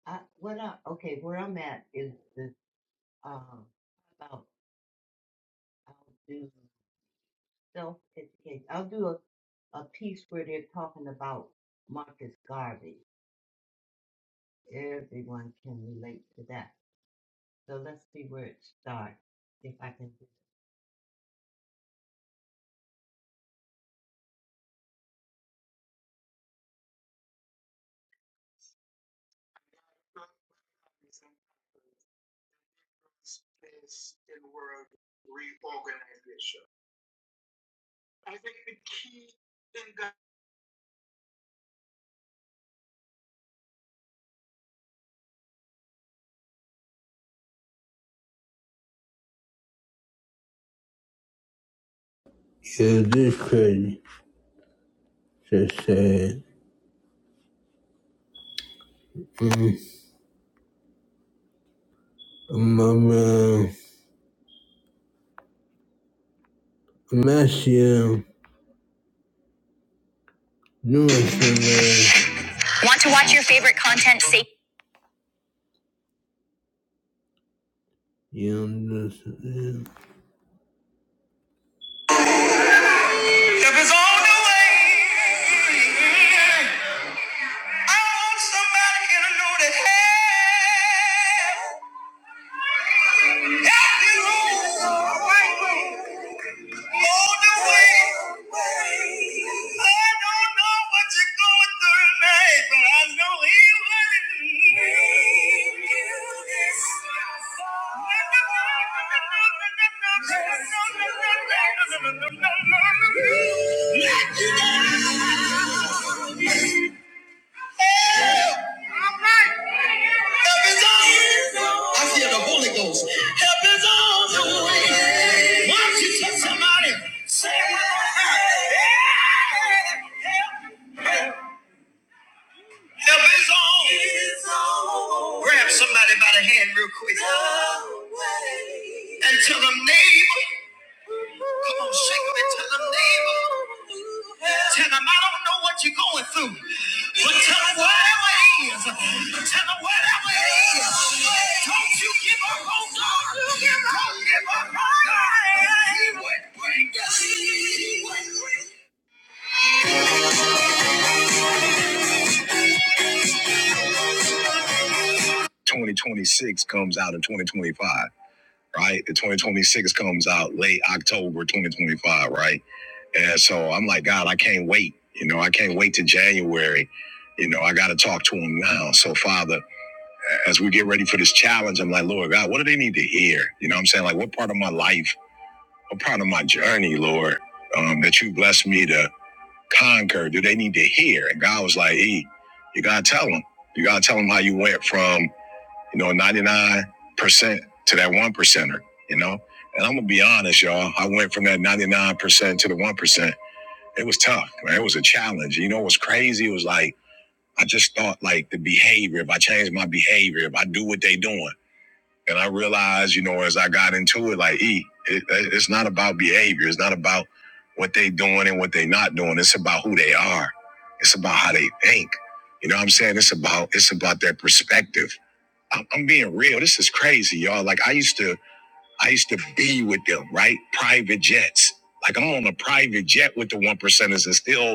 I what I okay where I'm at is this um about I'll do self-education. I'll do a, a piece where they're talking about Marcus Garvey. Everyone can relate to that. So let's see where it starts. If I can. Yeah, this crazy. Just sad. Mm. I'm around. I'm asking you. Doing something. man. You do something. I want somebody to hey, I feel the Holy Ghost. Help is on. Why don't you tell somebody? Say it with my heart. Help is on. Grab somebody by the hand real quick. And tell them, neighbor. Come on, shake them and tell them, neighbor. Tell them, I don't know what you're going through. But tell them whatever it is. Tell them whatever it is. Don't you give up on God. Don't give up on God. He would bring us. He would bring us. 2026 comes out in 2025, right? The 2026 comes out late October 2025, right? And so I'm like, God, I can't wait. You know, I can't wait to January. You know, I got to talk to him now. So, Father, as we get ready for this challenge, I'm like, Lord God, what do they need to hear? You know what I'm saying? Like, what part of my life, what part of my journey, Lord, um, that you blessed me to conquer, do they need to hear? And God was like, E, you got to tell them. You got to tell them how you went from, you know, 99% to that one percenter, you know? And I'm going to be honest, y'all. I went from that 99% to the 1% it was tough. Man. It was a challenge. You know what's crazy? It was like I just thought like the behavior. If I change my behavior, if I do what they doing, and I realized, you know, as I got into it, like E, it, it's not about behavior. It's not about what they doing and what they not doing. It's about who they are. It's about how they think. You know what I'm saying? It's about it's about their perspective. I'm, I'm being real. This is crazy, y'all. Like I used to I used to be with them, right? Private jets. Like I'm on a private jet with the one percenters and still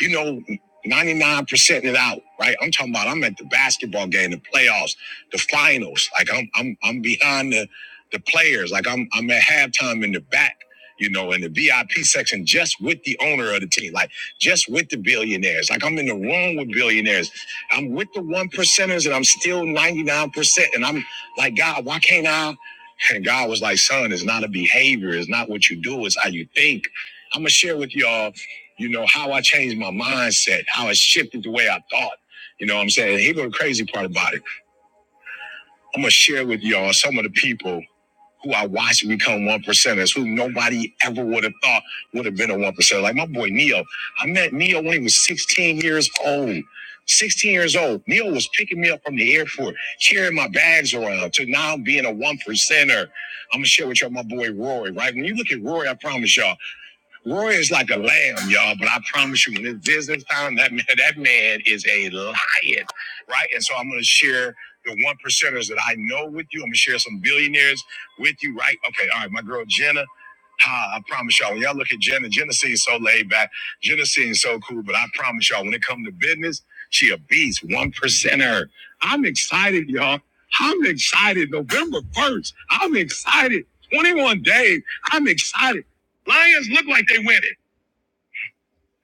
you know, 99% it out, right? I'm talking about I'm at the basketball game, the playoffs, the finals. Like I'm I'm I'm behind the the players. Like I'm I'm at halftime in the back, you know, in the VIP section just with the owner of the team, like just with the billionaires. Like I'm in the room with billionaires. I'm with the one percenters and I'm still 99%. And I'm like, God, why can't I? And God was like, son, it's not a behavior, it's not what you do, it's how you think. I'm gonna share with y'all you know, how I changed my mindset, how I shifted the way I thought. You know what I'm saying? Here go the crazy part about it. I'm gonna share with y'all some of the people who I watched become one percenters, who nobody ever would have thought would have been a one percenter. Like my boy Neo. I met Neo when he was 16 years old. 16 years old. Neo was picking me up from the airport, carrying my bags around to now being a one percenter. I'm gonna share with y'all my boy Rory, right? When you look at Rory, I promise y'all. Roy is like a lamb, y'all, but I promise you, when it's business time, that man, that man is a lion, right? And so I'm going to share the one percenters that I know with you. I'm going to share some billionaires with you, right? Okay, all right. My girl Jenna, Ha, I promise y'all, when y'all look at Jenna, Jenna seems so laid back. Jenna seems so cool, but I promise y'all, when it comes to business, she a beast, one percenter. I'm excited, y'all. I'm excited. November 1st, I'm excited. 21 days, I'm excited. Lions look like they winning.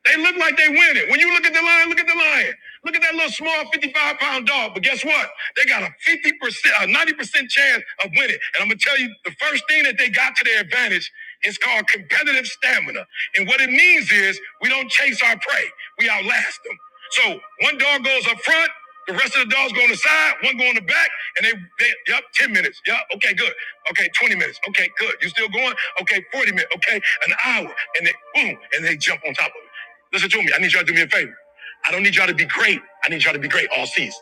They look like they winning. When you look at the lion, look at the lion. Look at that little small 55 pound dog. But guess what? They got a 50%, a 90% chance of winning. And I'm going to tell you the first thing that they got to their advantage is called competitive stamina. And what it means is we don't chase our prey, we outlast them. So one dog goes up front, the rest of the dogs go on the side, one go on the back, and they, they yep, 10 minutes. Yep, okay, good. Okay, 20 minutes. Okay, good. You still going? Okay, 40 minutes. Okay, an hour. And they boom, and they jump on top of it. Listen to me. I need y'all to do me a favor. I don't need y'all to be great. I need y'all to be great all season.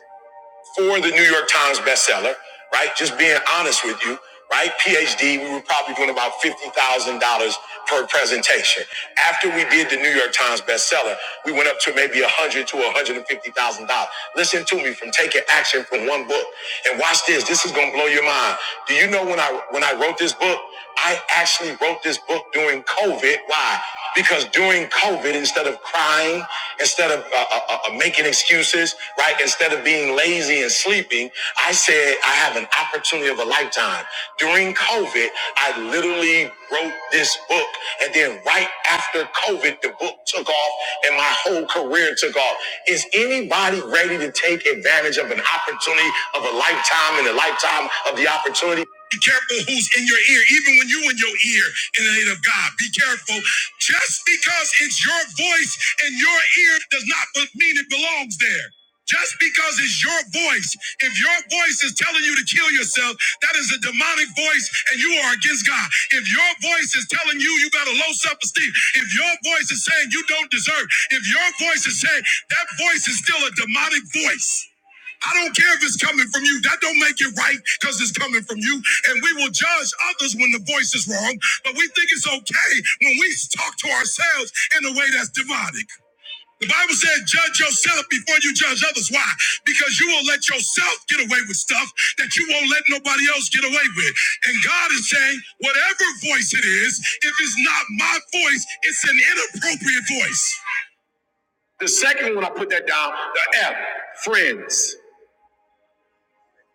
For the New York Times bestseller, right? Just being honest with you, right? PhD, we were probably doing about $50,000 per presentation. After we did the New York Times bestseller, we went up to maybe 100 to $150,000. Listen to me from taking action from one book. And watch this. This is going to blow your mind. Do you know when I, when I wrote this book, I actually wrote this book during COVID. Why? Because during COVID, instead of of crying, instead of uh, uh, uh, uh, making excuses, right? Instead of being lazy and sleeping, I said, I have an opportunity of a lifetime. During COVID, I literally wrote this book. And then right after COVID, the book took off and my whole career took off. Is anybody ready to take advantage of an opportunity of a lifetime and a lifetime of the opportunity? Be careful who's in your ear, even when you in your ear in the name of God. Be careful. Just because it's your voice in your ear does not be- mean it belongs there. That's because it's your voice. If your voice is telling you to kill yourself, that is a demonic voice and you are against God. If your voice is telling you you got a low self esteem, if your voice is saying you don't deserve, if your voice is saying that voice is still a demonic voice. I don't care if it's coming from you. That don't make it right because it's coming from you. And we will judge others when the voice is wrong, but we think it's okay when we talk to ourselves in a way that's demonic. The Bible said, judge yourself before you judge others. Why? Because you will let yourself get away with stuff that you won't let nobody else get away with. And God is saying, whatever voice it is, if it's not my voice, it's inappropriate. The second one I put that down, the F, friends.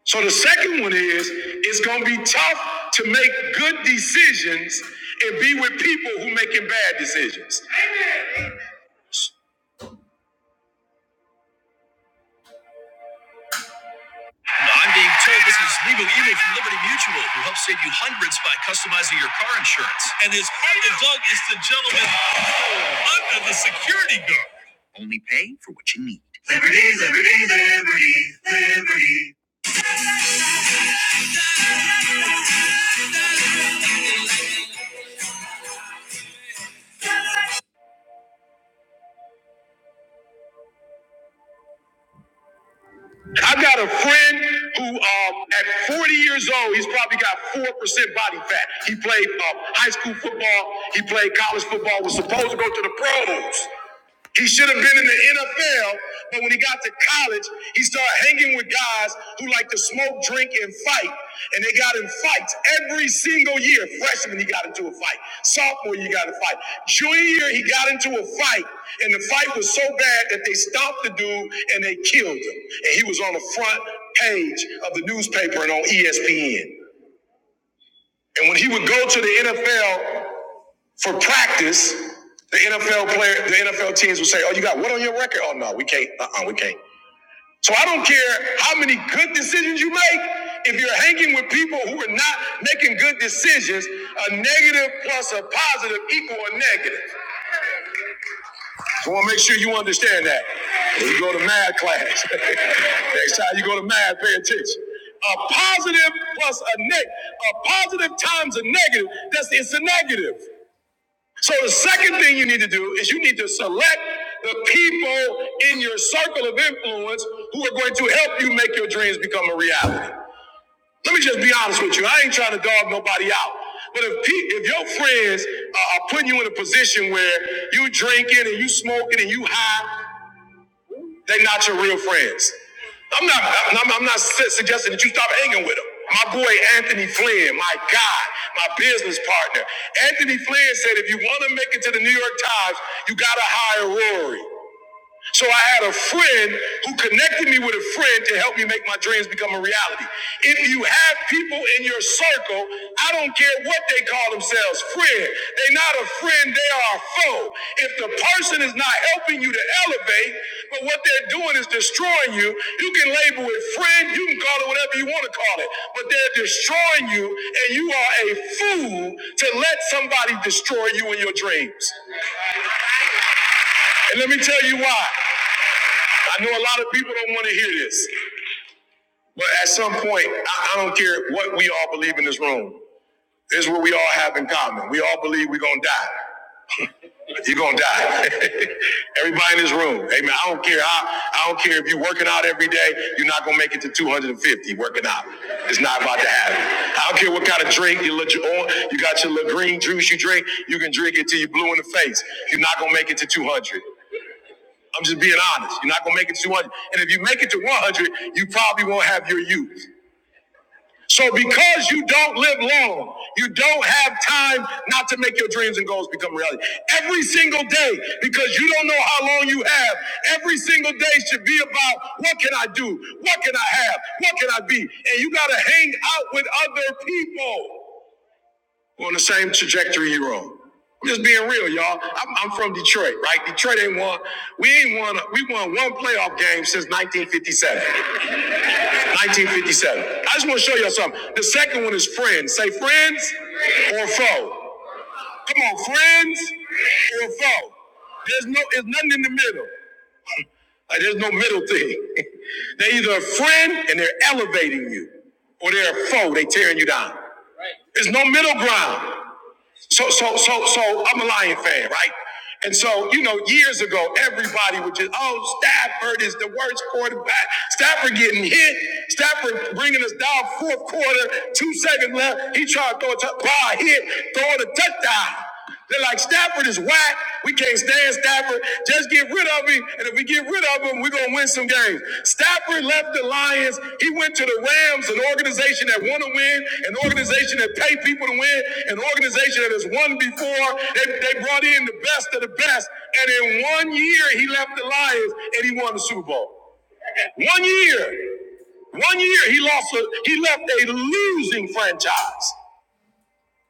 So the second one is it's gonna be tough to make good decisions and be with people who making bad decisions. I'm being told this is legal evil from Liberty Mutual, who helps save you hundreds by customizing your car insurance. And his partner Doug is the gentleman under the security guard. Only pay for what you need. Liberty, liberty, liberty, liberty. I've got a friend who, um, at 40 years old, he's probably got 4% body fat. He played uh, high school football, he played college football, was supposed to go to the pros. He should have been in the NFL, but when he got to college, he started hanging with guys who like to smoke, drink, and fight. And they got in fights every single year. Freshman, he got into a fight. Sophomore, he got in a fight. Junior year, he got into a fight. And the fight was so bad that they stopped the dude and they killed him. And he was on the front page of the newspaper and on ESPN. And when he would go to the NFL, for practice, the NFL player, the NFL teams will say, "Oh, you got what on your record?" Oh no, we can't. Uh, uh we can't. So I don't care how many good decisions you make. If you're hanging with people who are not making good decisions, a negative plus a positive equal a negative. I want to make sure you understand that. When you go to math class, next time you go to math, pay attention. A positive plus a neg, a positive times a negative. That's it's a negative. So the second thing you need to do is you need to select the people in your circle of influence who are going to help you make your dreams become a reality. Let me just be honest with you. I ain't trying to dog nobody out. But if pe- if your friends uh, are putting you in a position where you drinking and you smoking and you high they're not your real friends. I'm not, I'm, I'm not suggesting that you stop hanging with them. My boy Anthony Flynn, my God, my business partner. Anthony Flynn said if you want to make it to the New York Times, you got to hire Rory. So I had a friend who connected me with a friend to help me make my dreams become a reality. If you have people in your circle, I don't care what they call themselves, friend. They're not a friend, they are a foe. If the person is not helping you to elevate, but what they're doing is destroying you, you can label it friend, you can call it whatever you want to call it, but they're destroying you, and you are a fool to let somebody destroy you in your dreams. And let me tell you why. I know a lot of people don't want to hear this, but at some point, I, I don't care what we all believe in this room. This is what we all have in common. We all believe we're gonna die. You're gonna die. Everybody in this room. Amen. I don't care I I don't care if you're working out every day, you're not gonna make it to 250 working out. It's not about to happen. I don't care what kind of drink you let you on. You got your little green juice you drink, you can drink it till you're blue in the face. You're not gonna make it to 200. I'm just being honest. You're not gonna make it to 100. And if you make it to 100, you probably won't have your youth. So because you don't live long, you don't have time not to make your dreams and goals become reality. Every single day, because you don't know how long you have, every single day should be about what can I do? What can I have? What can I be? And you gotta hang out with other people. We're on the same trajectory you're on. I'm just being real, y'all. I'm, I'm from Detroit, right? Detroit ain't won. We ain't won. We won one playoff game since 1957. 1957. I just want to show y'all something. The second one is friends. Say friends or foe. Come on, friends or foe. There's no. There's nothing in the middle. Like, there's no middle thing. they're either a friend and they're elevating you, or they're a foe. They tearing you down. There's no middle ground. So, so, so, so I'm a Lion fan, right? And so, you know, years ago, everybody would just, oh, Stafford is the worst quarterback. Stafford getting hit. Stafford bringing us down fourth quarter, two seconds left. He tried to throw a t- ball hit, throw it a touchdown. They're like, Stafford is whack. We can't stand Stafford. Just get rid of him. And if we get rid of him, we're going to win some games. Stafford left the Lions. He went to the Rams, an organization that want to win, an organization that pay people to win, an organization that has won before. They, they brought in the best of the best. And in one year, he left the Lions and he won the Super Bowl. One year. One year, he lost. A, he left a losing franchise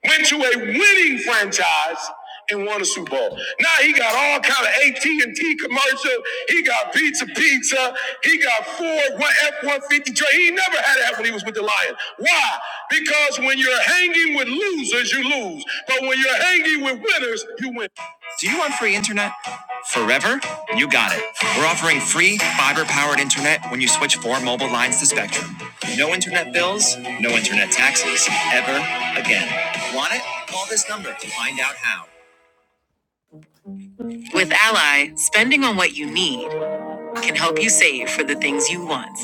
went to a winning franchise and won a Super Bowl. Now he got all kind of AT and T commercial. He got pizza, pizza. He got Ford F one fifty trade. He never had that when he was with the Lions. Why? Because when you're hanging with losers, you lose. But when you're hanging with winners, you win. Do you want free internet? Forever? You got it. We're offering free fiber powered internet when you switch four mobile lines to Spectrum. No internet bills, no internet taxes, ever again. Want it? Call this number to find out how. With Ally, spending on what you need can help you save for the things you want.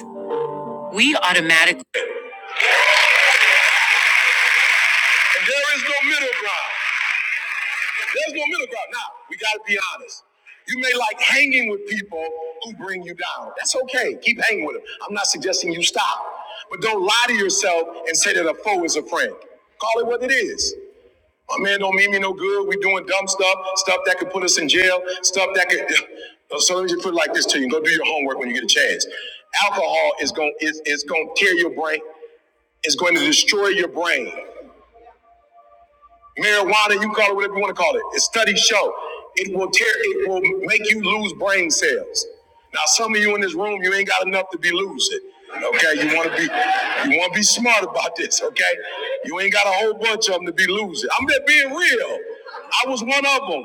We automatically. There is no middle ground. There's no middle ground. Now, we got to be honest. You may like hanging with people who bring you down. That's okay. Keep hanging with them. I'm not suggesting you stop. But don't lie to yourself and say that a foe is a friend. Call it what it is. My man don't mean me no good. We doing dumb stuff, stuff that could put us in jail, stuff that could. So let me just put it like this to you. Go do your homework when you get a chance. Alcohol is going to is, is going to tear your brain. It's going to destroy your brain marijuana, you call it whatever you want to call it. studies show it will tear, it will make you lose brain cells. Now, some of you in this room, you ain't got enough to be losing. Okay, you want to be, you want to be smart about this. Okay, you ain't got a whole bunch of them to be losing. I'm just being real. I was one of them,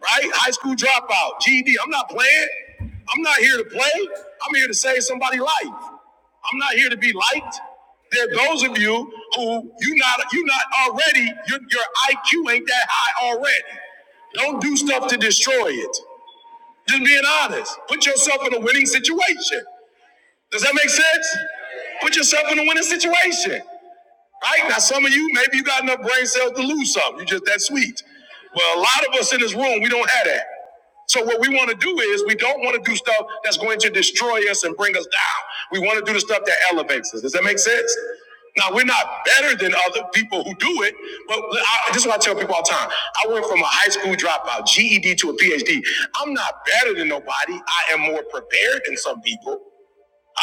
right? High school dropout, GED. I'm not playing. I'm not here to play. I'm here to save somebody's life. I'm not here to be liked. There are those of you who you not you not already your, your IQ ain't that high already. Don't do stuff to destroy it. Just being honest. Put yourself in a winning situation. Does that make sense? Put yourself in a winning situation. Right? Now some of you, maybe you got enough brain cells to lose something. You just that sweet. Well, a lot of us in this room, we don't have that. So what we want to do is we don't want to do stuff that's going to destroy us and bring us down. We want to do the stuff that elevates us. Does that make sense? Now we're not better than other people who do it, but I, this is what I tell people all the time. I went from a high school dropout, GED, to a PhD. I'm not better than nobody. I am more prepared than some people.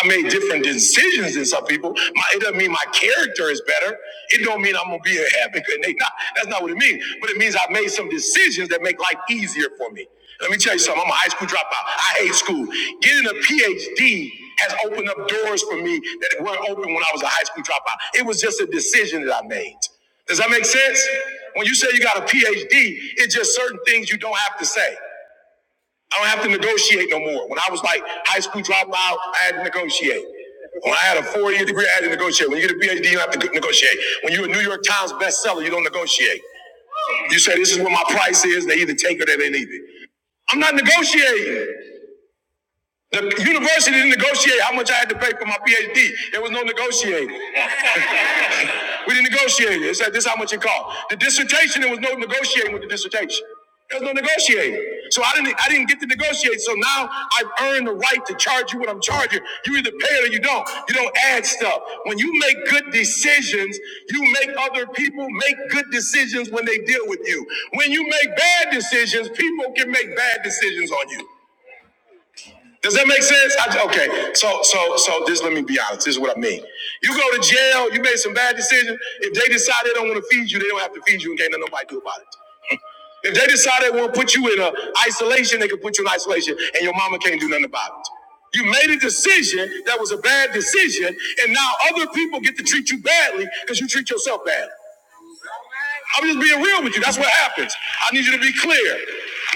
I made different decisions than some people. My, it doesn't mean my character is better. It don't mean I'm gonna be a heaven. And they not, that's not what it means. But it means I made some decisions that make life easier for me. Let me tell you something. I'm a high school dropout. I hate school. Getting a PhD has opened up doors for me that weren't open when I was a high school dropout. It was just a decision that I made. Does that make sense? When you say you got a PhD, it's just certain things you don't have to say. I don't have to negotiate no more. When I was like high school dropout, I had to negotiate. When I had a four-year degree, I had to negotiate. When you get a PhD, you don't have to negotiate. When you're a New York Times bestseller, you don't negotiate. You say this is what my price is. They either take it or they leave it. I'm not negotiating. The university didn't negotiate how much I had to pay for my PhD. There was no negotiating disagreement. We didn't negotiate it. It said this is how much it cost. The dissertation, there was no negotiating with the dissertation. There was no negotiating. So I didn't I didn't get to negotiate. So now I've earned the right to charge you what I'm charging. You either pay it or you don't. You don't add stuff. When you make good decisions, you make other people make good decisions when they deal with you. When you make bad decisions, people can make bad decisions on you. Does that make sense? I, okay, so so so just let me be honest. This is what I mean. You go to jail. You made some bad decisions. If they decide they don't want to feed you, they don't have to feed you, and can't let nobody do about it. If they decide they want to put you in a isolation, they can put you in isolation, and your mama can't do nothing about it. You made a decision that was a bad decision, and now other people get to treat you badly because you treat yourself badly. I'm just being real with you. That's what happens. I need you to be clear.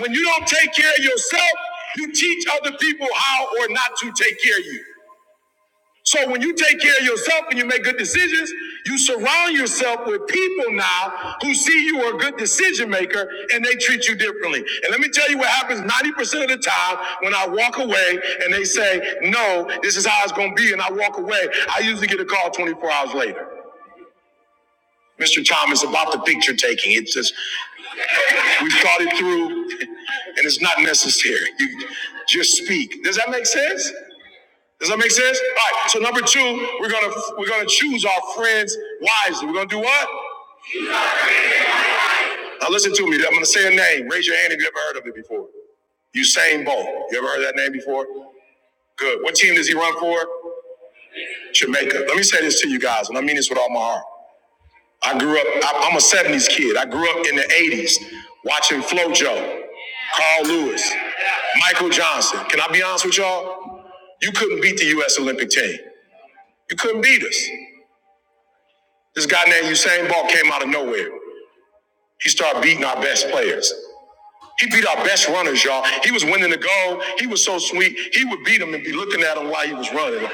When you don't take care of yourself, you teach other people how or not to take care of you. So when you take care of yourself and you make good decisions, you surround yourself with people now who see you are a good decision maker and they treat you differently. And let me tell you what happens 90% of the time when I walk away and they say, no, this is how it's going to be. And I walk away. I usually get a call 24 hours later. Mr. Thomas, about the picture taking. It's just We've thought it through, and it's not necessary. You just speak. Does that make sense? Does that make sense? All right. So number two, we're gonna we're gonna choose our friends wisely. We're gonna do what? Now listen to me. I'm gonna say a name. Raise your hand if you ever heard of it before. Usain Bolt. You ever heard that name before? Good. What team does he run for? Jamaica. Let me say this to you guys, and I mean this with all my heart. I grew up, I- I'm a 70s kid. I grew up in the 80s watching FloJo, Carl Lewis, Michael Johnson. Can I be honest with y'all? You couldn't beat the U.S. Olympic team. You couldn't beat us. This guy named Usain Bolt came out of nowhere. He started beating our best players. He beat our best runners, y'all. He was winning the goal. He was so sweet. He would beat them and be looking at them while he was running.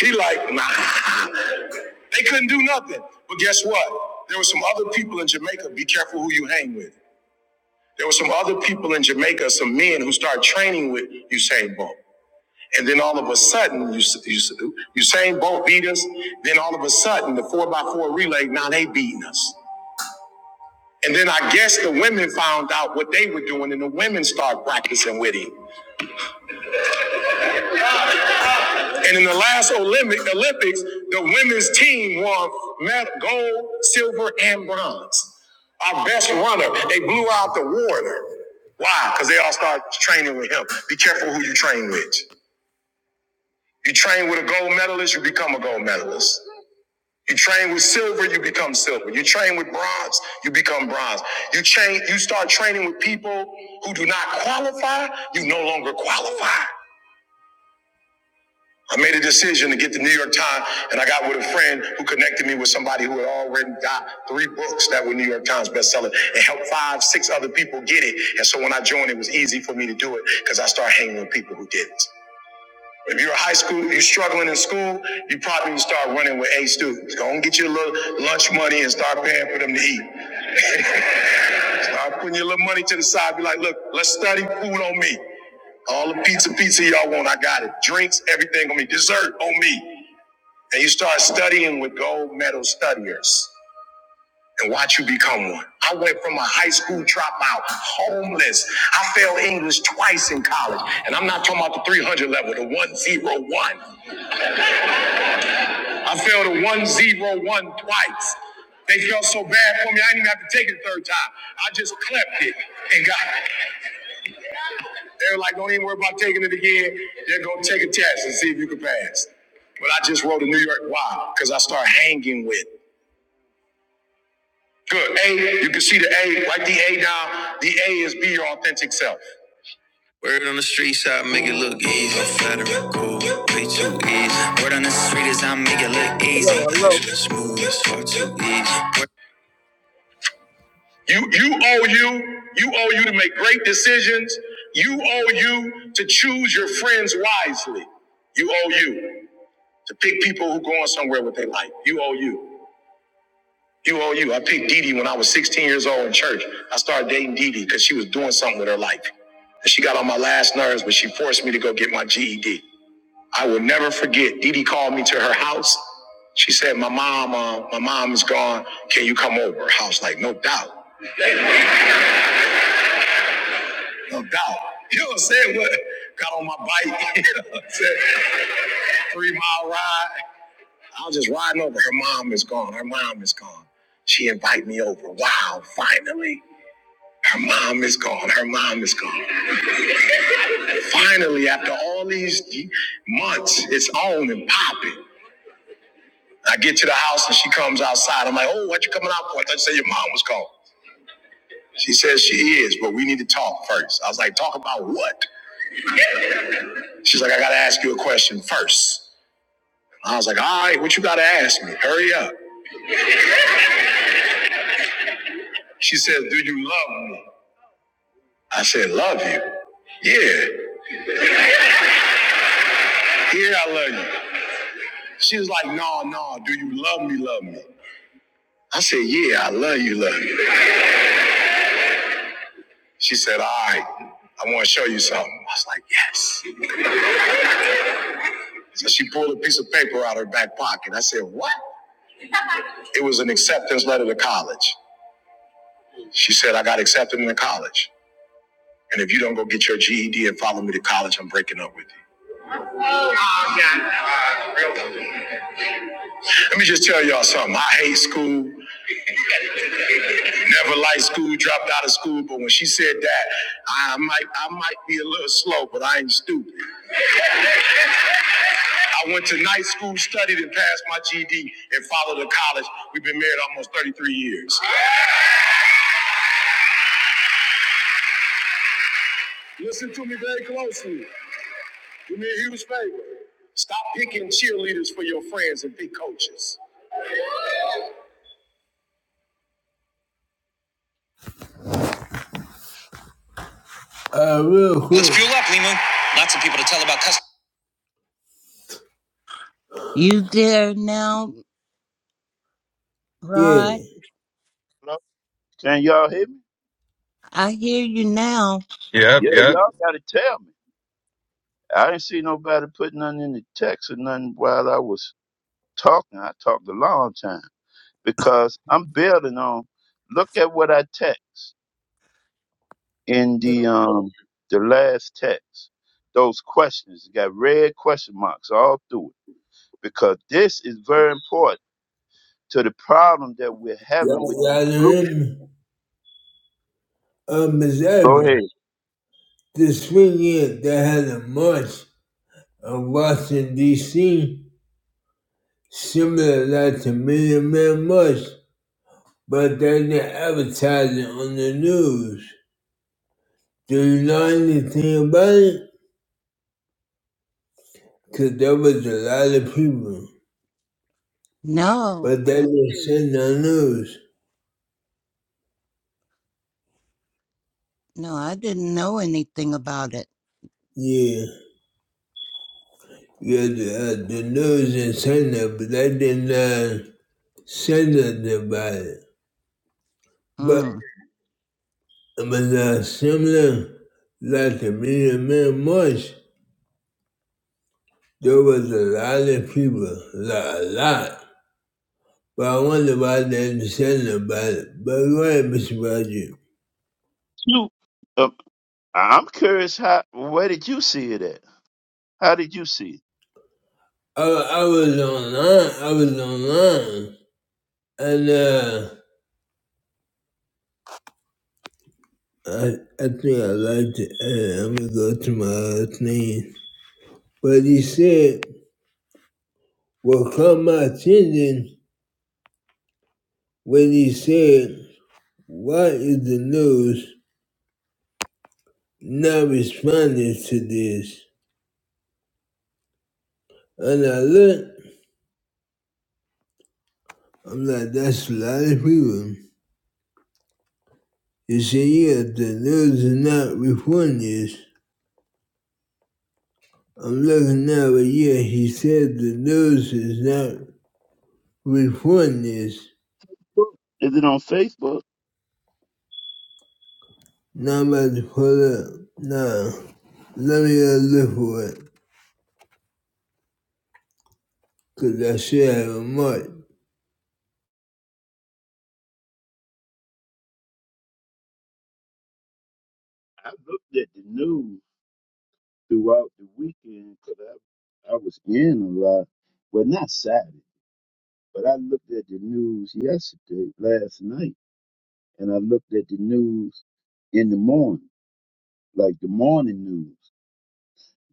he like, nah. They couldn't do nothing. But guess what? There were some other people in Jamaica. Be careful who you hang with. There were some other people in Jamaica, some men who started training with Usain Bolt. And then all of a sudden, Us- Us- Usain Bolt beat us. Then all of a sudden, the 4x4 relay, now they beating us. And then I guess the women found out what they were doing, and the women started practicing with him. And in the last Olympic Olympics, the women's team won gold, silver, and bronze. Our best runner, they blew out the water. Why? Because they all start training with him. Be careful who you train with. You train with a gold medalist, you become a gold medalist. You train with silver, you become silver. You train with bronze, you become bronze. You train, you start training with people who do not qualify, you no longer qualify. I made a decision to get the New York Times, and I got with a friend who connected me with somebody who had already got three books that were New York Times bestseller and helped five, six other people get it. And so when I joined, it was easy for me to do it because I started hanging with people who did it. If you're a high school, if you're struggling in school, you probably need to start running with A students. Go and get your little lunch money and start paying for them to eat. Start putting your little money to the side. Be like, look, let's study food on me. All the pizza, pizza y'all want, I got it. Drinks, everything on me. Dessert on me and you start studying with gold medal studiers and watch you become one. I went from a high school dropout, homeless. I failed English twice in college. And I'm not talking about the 300 level, the 101. I failed a 101 twice. They felt so bad for me, I didn't even have to take it a third time. I just clept it and got it. They were like, don't even worry about taking it again. They're going to take a test and see if you can pass. But I just wrote a New York Wow because I started hanging with Good. A, you can see the A, write the A down. The A is be your authentic self. Word on the street, so I make it look easy. No cool, way too easy. Word on the street is I make it look easy. Hello, hello, Action smooth, it's far too easy. You, you owe you, you owe you to make great decisions. You owe you to choose your friends wisely. You owe you to pick people who going somewhere with their life. You owe you. You owe you. I picked Didi when I was 16 years old in church. I started dating Didi because she was doing something with her life. And she got on my last nerves, but she forced me to go get my GED. I will never forget. Didi called me to her house. She said, My mom, uh, my mom is gone. Can you come over? I was like, No doubt. No doubt. You know what I'm saying? What? Got on my bike. you know what I'm saying? Three mile ride. I was just riding over. Her mom is gone. Her mom is gone. She invited me over. Wow, finally. Her mom is gone. Her mom is gone. Finally, after all these months, it's on and popping. I get to the house and she comes outside. I'm like, oh, what you coming out for? I thought you said your mom was gone. She says she is, but we need to talk first. I was like, talk about what? She's like, I gotta ask you a question first. I was like, all right, what you gotta ask me? Hurry up. She says, do you love me? I said, love you. Yeah, yeah, I love you. She was like, no, no, do you love me, love me? I said, yeah, I love you, love you. She said, All right, I want to show you something. I was like, Yes. So she pulled a piece of paper out of her back pocket. I said, What? It was an acceptance letter to college. She said, I got accepted into college. And if you don't go get your GED and follow me to college, I'm breaking up with you. Oh, yeah. Let me just tell y'all something. I hate school. Never liked school. Dropped out of school. But when she said that, I might, I might be a little slow, but I ain't stupid. I went to night school, studied, and passed my GED, and followed to college. We've been married almost 33 years. Listen to me very closely. Do me a huge favor. Stop picking cheerleaders for your friends and pick coaches. Let's fuel up, Limu. Lots of people to tell about customers. You there now, Rod? Yeah. hello. Can y'all hear me? I hear you now. Yep. Yeah, Yep. y'all gotta tell me. I didn't see nobody put nothing in the text or nothing while I was talking. I talked a long time because I'm building on. Look at what I text in the um the last text. Those questions it got red question marks all through it because this is very important to the problem that we're having with these groups. Go ahead. I seen A million man much, but they're not advertising on the news. Do you know anything about it? Cause there was a lot of people, No, but they didn't send the news. no, I didn't know anything about it. Yeah. Yeah, the, uh, the news in China, but they did not say nothing about it. But, Mm. but uh, similar, like the Million Man March, there was a lot of people, like, a lot. But I wonder why they didn't say nothing about it. But go ahead, Mr. Roger. You, um, I'm curious how. Where did you see it at? How did you see I, I was online, I was online, and uh, I think like, uh, I'm gonna go to my other thing. But he said, what caught my attention when he said, Why is the news not responding to this? And I look, I'm like, That's a lot of people. You see, yeah, the news is not reporting this. I'm looking now, but yeah, he said the news is not reporting this. it? Is it on Facebook? Now I'm about to pull up. Now, let me go look for it. I looked at the news throughout the weekend because I, I was in a lot. Well, not Saturday, but I looked at the news yesterday, last night, and I looked at the news in the morning, like the morning news,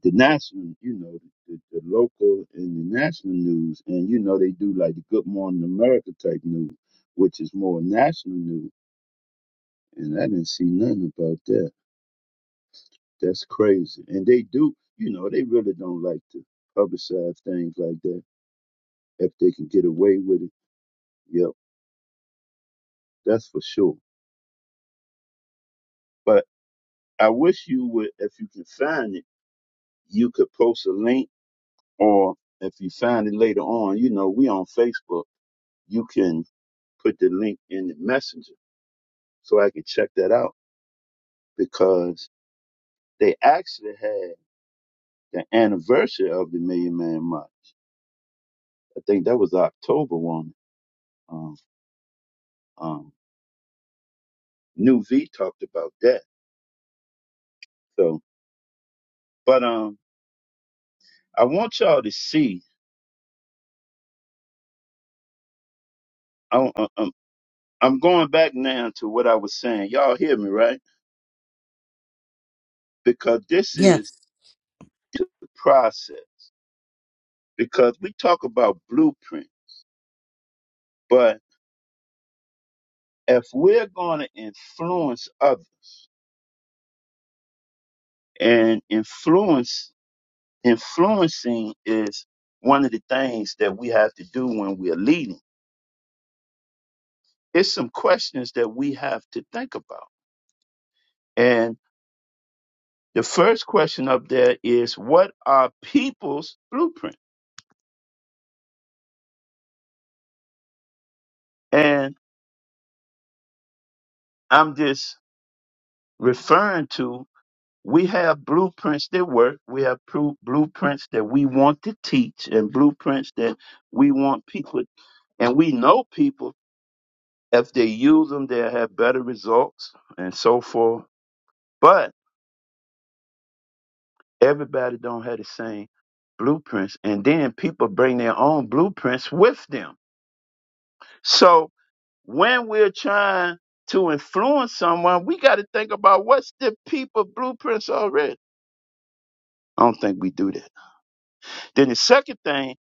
the national, you know, the, the local and the national news. And, you know, they do like the Good Morning America type news, which is more national news. And I didn't see nothing about that. That's crazy. And they do, you know, they really don't like to publicize things like that if they can get away with it. Yep, that's for sure. But I wish you would, if you can find it, you could post a link or if you find it later on, you know, we on Facebook, you can put the link in the messenger so I can check that out because they actually had the anniversary of the Million Man March. I think that was October one. Um, um, New V talked about that So, but um, I want y'all to see. I, I, I'm I'm going back now to what I was saying. Y'all hear me, right? Because this Yeah, is the process. Because we talk about blueprint, but if we're going to influence others, and influence influencing is one of the things that we have to do when we're leading. It's some questions that we have to think about, and the first question up there is, what are people's blueprints? And I'm just referring to we have blueprints that work. We have pru- blueprints that we want to teach and blueprints that we want people. And we know people, if they use them, they'll have better results and so forth. But everybody don't have the same blueprints. And then people bring their own blueprints with them. So when we're trying to influence someone, we got to think about what's the people blueprints already I don't think we do that. Then the second thing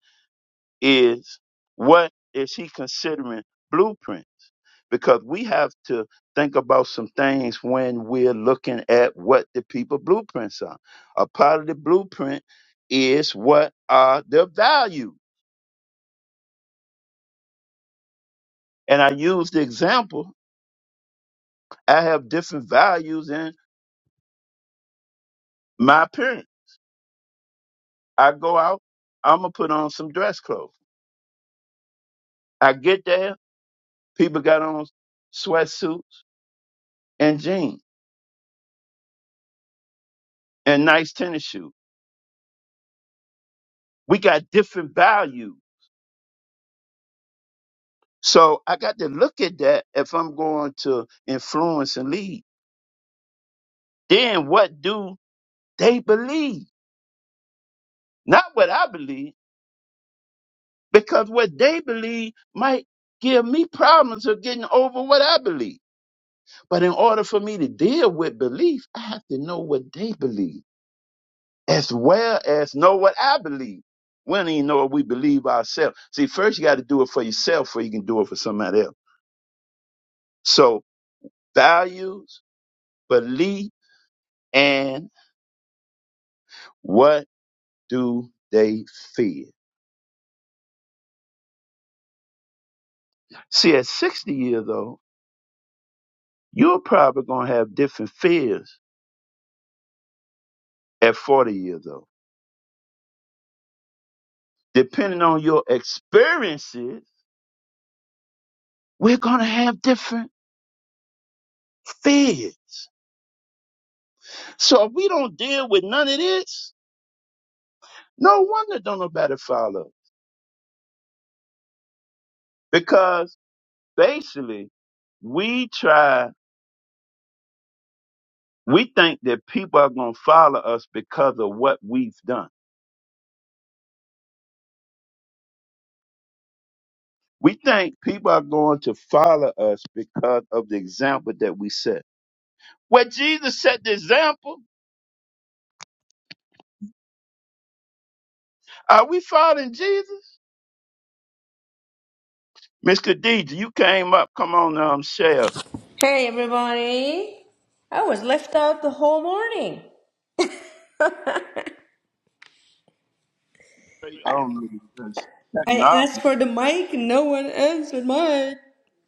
is what is he considering blueprint? Because we have to think about some things when we're looking at what the people blueprints are. A part of the blueprint is what are the values. And I use the example, I have different values in my appearance. I go out, I'm gonna put on some dress clothes. I get there, people got on sweatsuits and jeans and nice tennis shoes. we got different values, So I got to look at that if I'm going to influence and lead. Then what do they believe? Not what I believe, because what they believe might give me problems of getting over what I believe. But in order for me to deal with belief, I have to know what they believe as well as know what I believe. We don't even know what we believe ourselves. See, first you got to do it for yourself before you can do it for somebody else. So values, belief, And what do they fear? See, at 60 years old, you're probably going to have different fears at 40 years old. Depending on your experiences, we're going to have different fears. So if we don't deal with none of this, no wonder don't nobody follow. Because basically, we try, we think that people are going to follow us because of what we've done. We think people are going to follow us because of the example that we set. Where Jesus set the example, are we following Jesus? Miss Khadija, you came up. Come on, um, share. Hey everybody! I was left out the whole morning. I don't know this I asked technology. for the mic, and no one answered my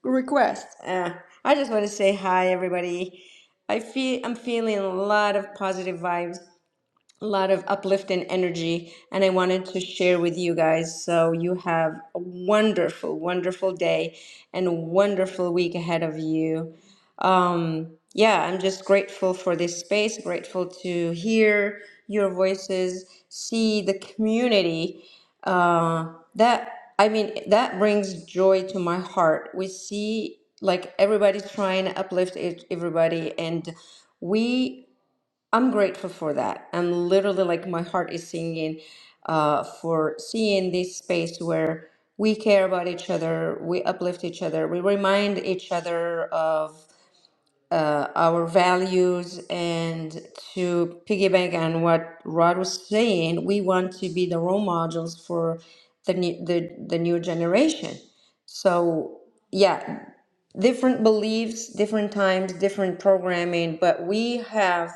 request. Uh, I just want to say hi, everybody. I feel I'm feeling a lot of positive vibes. a lot of uplifting energy and I wanted to share with you guys. So you have a wonderful, wonderful day and a wonderful week ahead of you. Um, yeah, I'm just grateful for this space, grateful to hear your voices, see the community. Uh, that I mean, that brings joy to my heart. We see like everybody's trying to uplift each- everybody and we I'm grateful for that. I'm literally like my heart is singing uh, for seeing this space where we care about each other, we uplift each other, we remind each other of uh, our values. And to piggyback on what Rod was saying, we want to be the role models for the new, the, the new generation. So, yeah, different beliefs, different times, different programming, but we have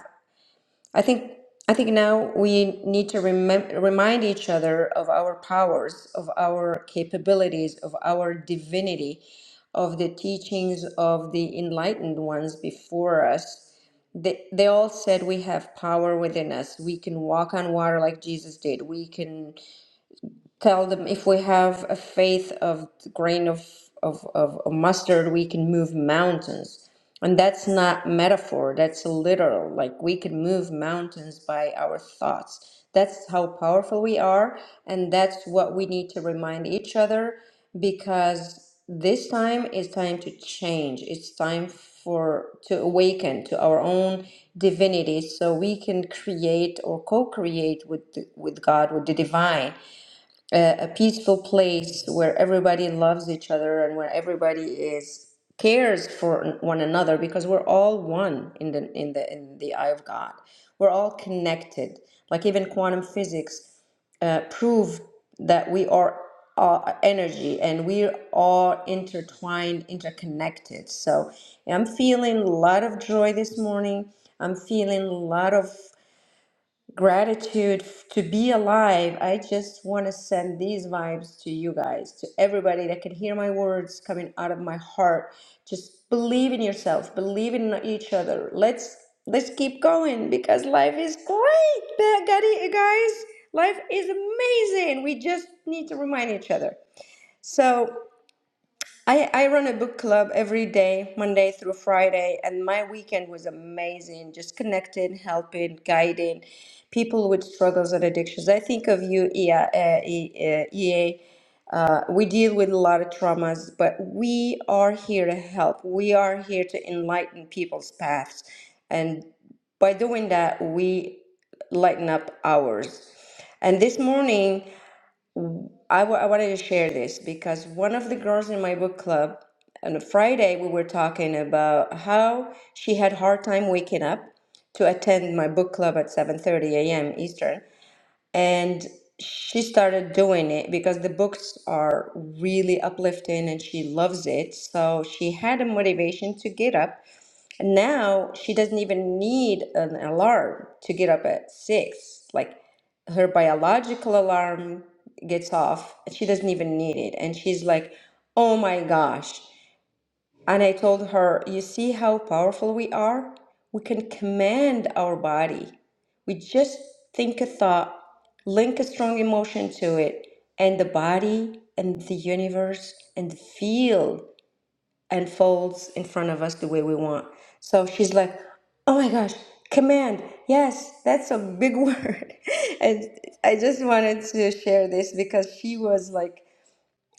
I think I think now we need to remem- remind each other of our powers, of our capabilities, of our divinity, of the teachings of the enlightened ones before us. They, they all said we have power within us. We can walk on water like Jesus did. We can tell them if we have a faith of the grain of, of, of, of mustard, we can move mountains. And that's not metaphor, that's literal. Like we can move mountains by our thoughts. That's how powerful we are. And that's what we need to remind each other because this time is time to change. It's time for to awaken to our own divinity so we can create or co-create with the- with God, with the divine a peaceful place where everybody loves each other and where everybody is cares for one another because we're all one in the in the in the eye of God. We're all connected. Like even quantum physics uh, prove that we are uh, energy and we are all intertwined, interconnected. So I'm feeling a lot of joy this morning. I'm feeling a lot of Gratitude f- to be alive. I just want to send these vibes to you guys, to everybody that can hear my words coming out of my heart. Just believe in yourself, believe in each other. Let's let's keep going because life is great. Ba- gadi- Guys, life is amazing. We just need to remind each other. So I, I run a book club every day, Monday through Friday, and my weekend was amazing. Just connecting, helping, guiding people with struggles and addictions. I think of you, EA. Uh, E- uh, EA. Uh, we deal with a lot of traumas, but we are here to help. We are here to enlighten people's paths. And by doing that, we lighten up ours. And this morning, I wa- I wanted to share this because one of the girls in my book club on a Friday we were talking about how she had hard time waking up to attend my book club at 7:30 a.m. Eastern and she started doing it because the books are really uplifting and she loves it so she had a motivation to get up and now she doesn't even need an alarm to get up at six. Like her biological alarm gets off, she doesn't even need it. And she's like, oh my gosh. And I told her, you see how powerful we are? We can command our body. We just think a thought, link a strong emotion to it, and the body and the universe and the field and folds in front of us the way we want. So she's like, oh my gosh, command. Yes, that's a big word. and I just wanted to share this because she was like,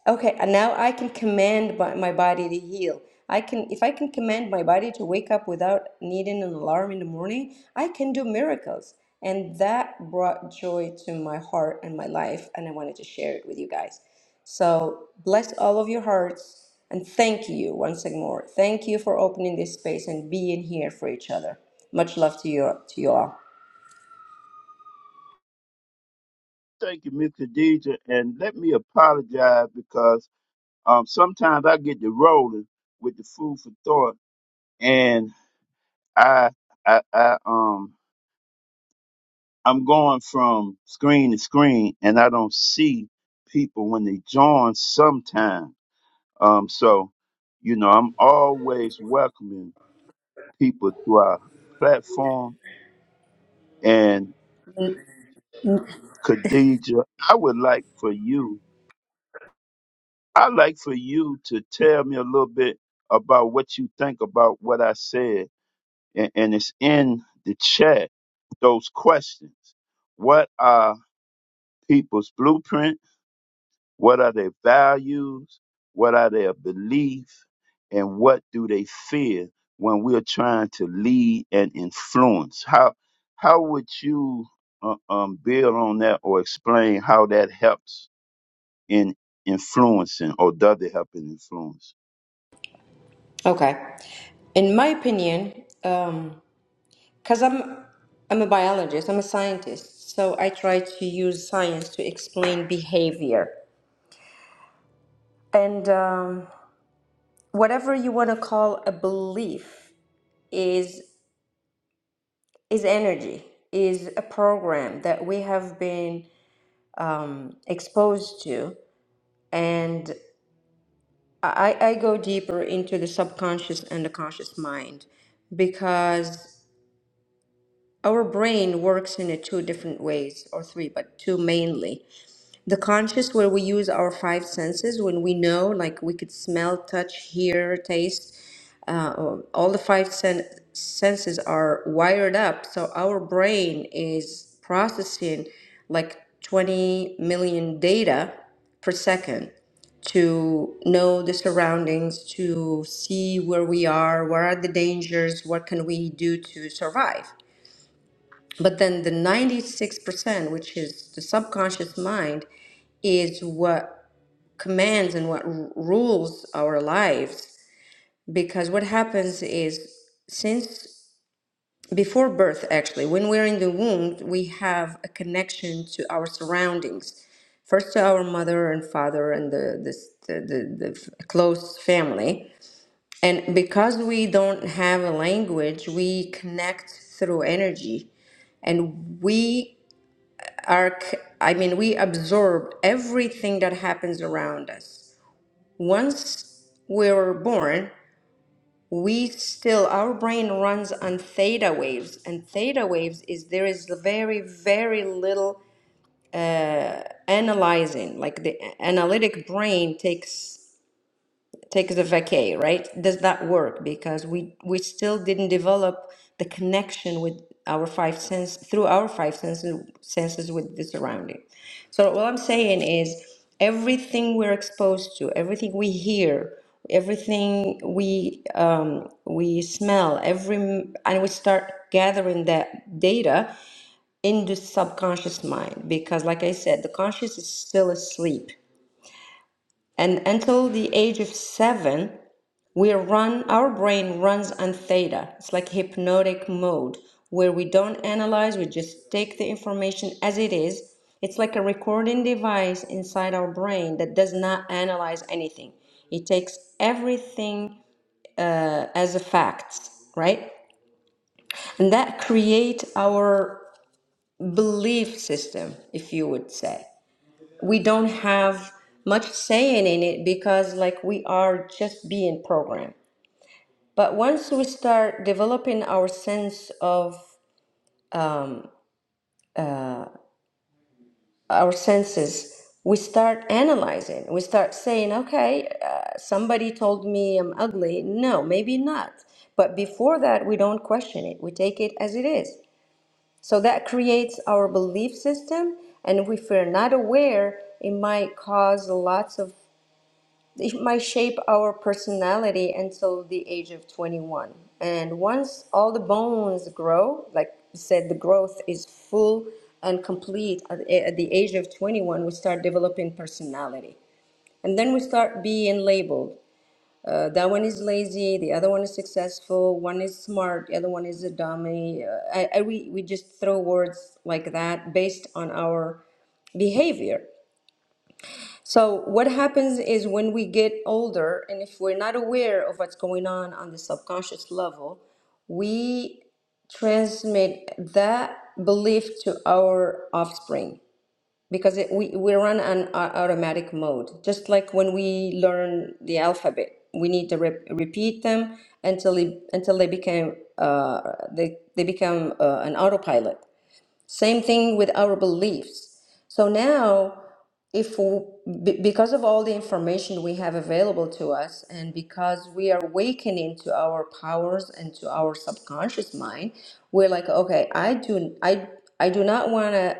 Okay, and now I can command by- my body to heal. I can, if I can command my body to wake up without needing an alarm in the morning, I can do miracles. And that brought joy to my heart and my life, and I wanted to share it with you guys. So bless all of your hearts, and thank you once again more. Thank you for opening this space and being here for each other. Much love to you, to you all. Thank you, Miss Khadija, and let me apologize because um sometimes I get the rolling with the food for thought, and I I I um I'm going from screen to screen and I don't see people when they join sometime. Um, so, you know, I'm always welcoming people to our platform. And Khadija, I would like for you, I'd like for you to tell me a little bit about what you think about what I said. And, and it's in the chat, those questions. What are people's blueprint? What are their values? What are their beliefs? And what do they fear when we're trying to lead and influence? How how would you uh, um, build on that or explain how that helps in influencing or does it help in influence? Okay, in my opinion. Um, because I'm I'm a biologist, I'm a scientist, so I try to use science to explain behavior. And um, whatever you want to call a belief is is energy, is a program that we have been um, exposed to. And I, I go deeper into the subconscious and the conscious mind because Our brain works in a two different ways, or three, but two mainly. The conscious, where we use our five senses, when we know, like we could smell, touch, hear, taste, uh, all the five sen- senses are wired up. So our brain is processing like 20 million data per second to know the surroundings, to see where we are, where are the dangers, what can we do to survive. But then the 96%, which is the subconscious mind, is what commands and what r- rules our lives. Because what happens is, since before birth, actually, when we're in the womb, we have a connection to our surroundings. First to our mother and father and the, this, the, the, the f- close family. And because we don't have a language, we connect through energy and we our, c- I mean, we absorb everything that happens around us. Once we're born, we still, our brain runs on theta waves, and theta waves is there is very, very little analyzing. Like the analytic brain takes take the vacay, right? Does that work? Because we we still didn't develop the connection with our five sense through our five senses senses with the surrounding. So what I'm saying is everything we're exposed to, everything we hear, everything we um, we smell, every and we start gathering that data in the subconscious mind because like I said, the conscious is still asleep. And until the age of seven, we run our brain runs on theta it's like hypnotic mode where we don't analyze we just take the information as it is it's like a recording device inside our brain that does not analyze anything it takes everything as a fact right and that creates our belief system if you would say we don't have much saying in it because like we are just being programmed But once we start developing our sense of um, our senses, we start analyzing. We start saying, okay, uh, somebody told me I'm ugly. No, maybe not. But before that, we don't question it. We take it as it is. So that creates our belief system. And if we're not aware, it might cause lots of it might shape our personality until the age of 21. And once all the bones grow, like you said, the growth is full and complete at, at the age of 21, we start developing personality. And then we start being labeled. Uh, that one is lazy, the other one is successful, one is smart, the other one is a dummy. Uh, I, I, we, we just throw words like that based on our behavior. So what happens is when we get older, and if we're not aware of what's going on on the subconscious level, we transmit that belief to our offspring because it, we, we run on au- automatic mode. Just like when we learn the alphabet, we need to re- repeat them until they, until they become uh, they, they become uh, an autopilot. Same thing with our beliefs. So now, if we, because of all the information we have available to us, and because we are awakening to our powers and to our subconscious mind, we're like, okay, I do, I, I do not want to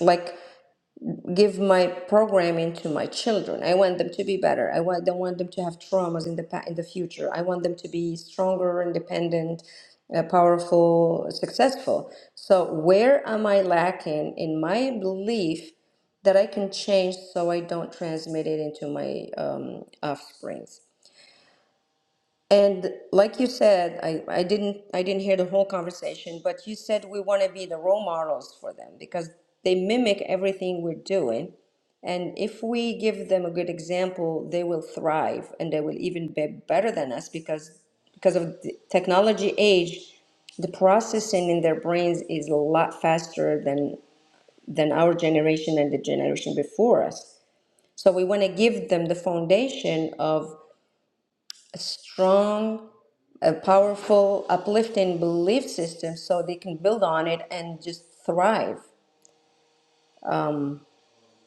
like give my programming to my children. I want them to be better. I want, don't want them to have traumas in the pa- in the future. I want them to be stronger, independent, uh, powerful, successful. So where am I lacking in my belief that I can change so I don't transmit it into my um, offspring? And like you said, I, I didn't I didn't hear the whole conversation, but you said we want to be the role models for them because they mimic everything we're doing. And if we give them a good example, they will thrive and they will even be better than us because because of the technology age, the processing in their brains is a lot faster than than our generation and the generation before us. So we want to give them the foundation of strong, a powerful, uplifting belief system so they can build on it and just thrive. Um,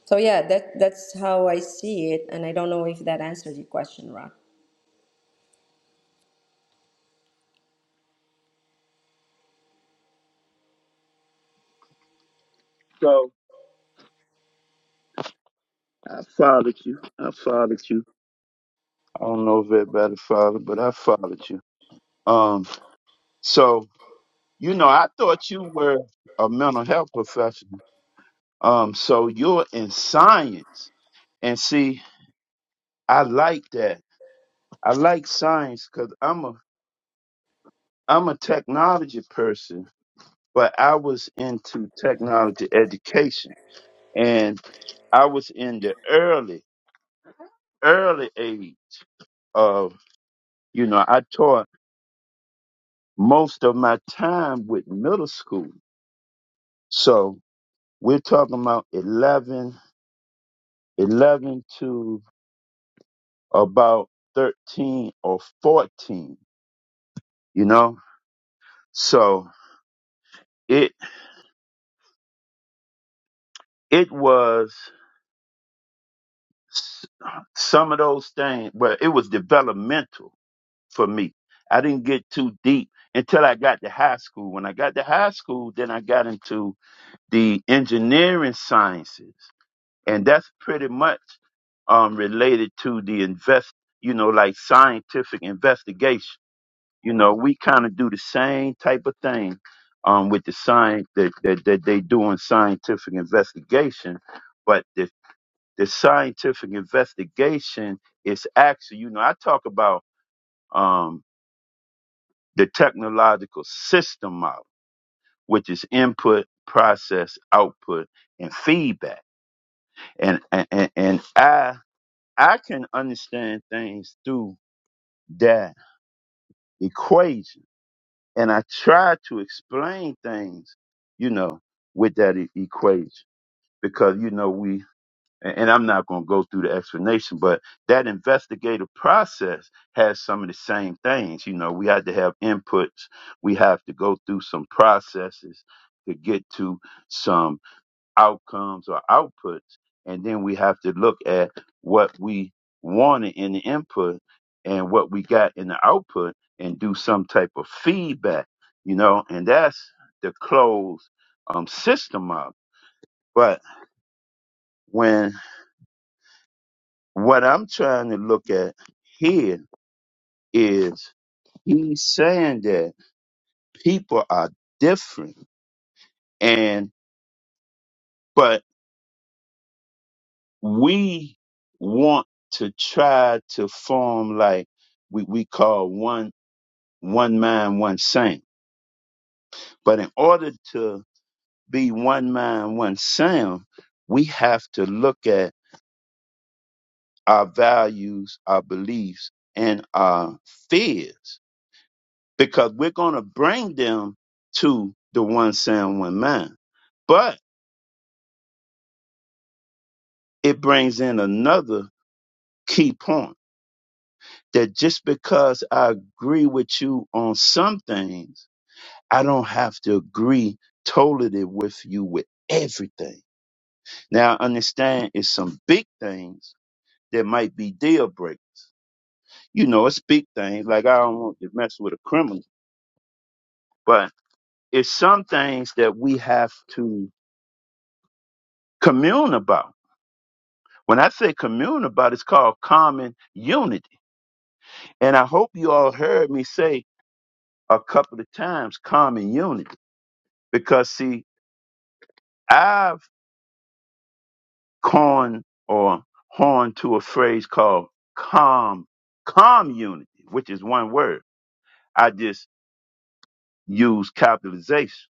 so yeah, that that's how I see it, and I don't know if that answers your question, Rock. So I followed you. I followed you. I don't know if everybody followed, but I followed you. Um, so you know, I thought you were a mental health professional Um, so you're in science, and see, I like that. I like science because I'm a I'm a technology person, but I was into technology education, and I was in the early early age of you know I taught most of my time with middle school, so we're talking about 11, 11 to about thirteen or fourteen, you know, so. It it was s- some of those things, but it was developmental for me. I didn't get too deep until I got to high school. When I got to high school, then I got into the engineering sciences, and that's pretty much um, related to the invest, you know, like scientific investigation. You know, we kind of do the same type of thing um, with the science that, that, that they do in scientific investigation, but the The scientific investigation is actually, you know, I talk about um, the technological system model, which is input, process, output, and feedback. And and and and I I can understand things through that equation, and I try to explain things, you know, with that e- equation because you know we and and I'm not going to go through the explanation, but that investigative process has some of the same things. You know, we had to have inputs, we have to go through some processes to get to some outcomes or outputs, and then we have to look at what we wanted in the input and what we got in the output and do some type of feedback, you know, and that's the closed um, system up. But when What I'm trying to look at here is he's saying that people are different and but we want to try to form like we, we call one one mind, one sound. But in order to be one mind, one sound, we have to look at our values, our beliefs, and our fears because we're going to bring them to the one sound, one mind. But it brings in another key point that just because I agree with you on some things, I don't have to agree totally with you with everything. Now, I understand it's some big things that might be deal breakers. You know, it's big things. Like, I don't want to mess with a criminal, but it's some things that we have to commune about When I say commune about, it's called common unity. And I hope you all heard me say a couple of times common unity because see, I've coined or horned to a phrase called com, community, which is one word. I just use capitalization.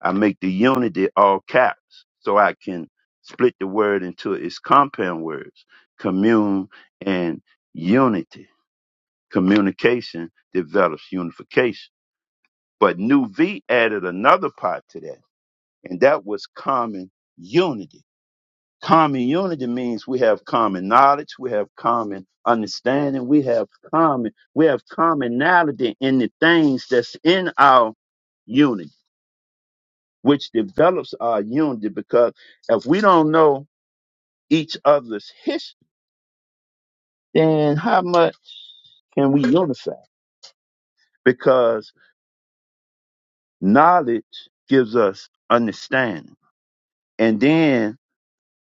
I make the unity all caps so I can split the word into its compound words, commune and unity Communication develops unification. But New V added another part to that, and that was common unity. Common unity means we have common knowledge, we have common understanding, we have common, we have commonality in the things that's in our unity, which develops our unity because if we don't know each other's history, then how much can we unify? Because knowledge gives us understanding And then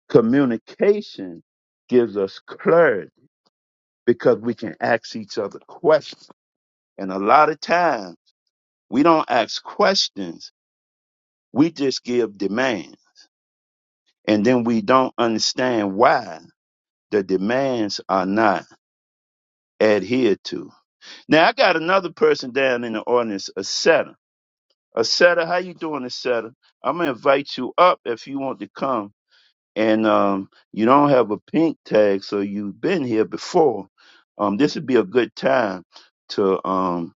communication gives us clarity because we can ask each other questions. And a lot of times we don't ask questions. We just give demands and then we don't understand why the demands are not adhered to. Now I got another person down in the audience, a setter. A setter, how you doing, a setter? I'm gonna invite you up if you want to come and um, you don't have a pink tag, so you've been here before, um, this would be a good time to um,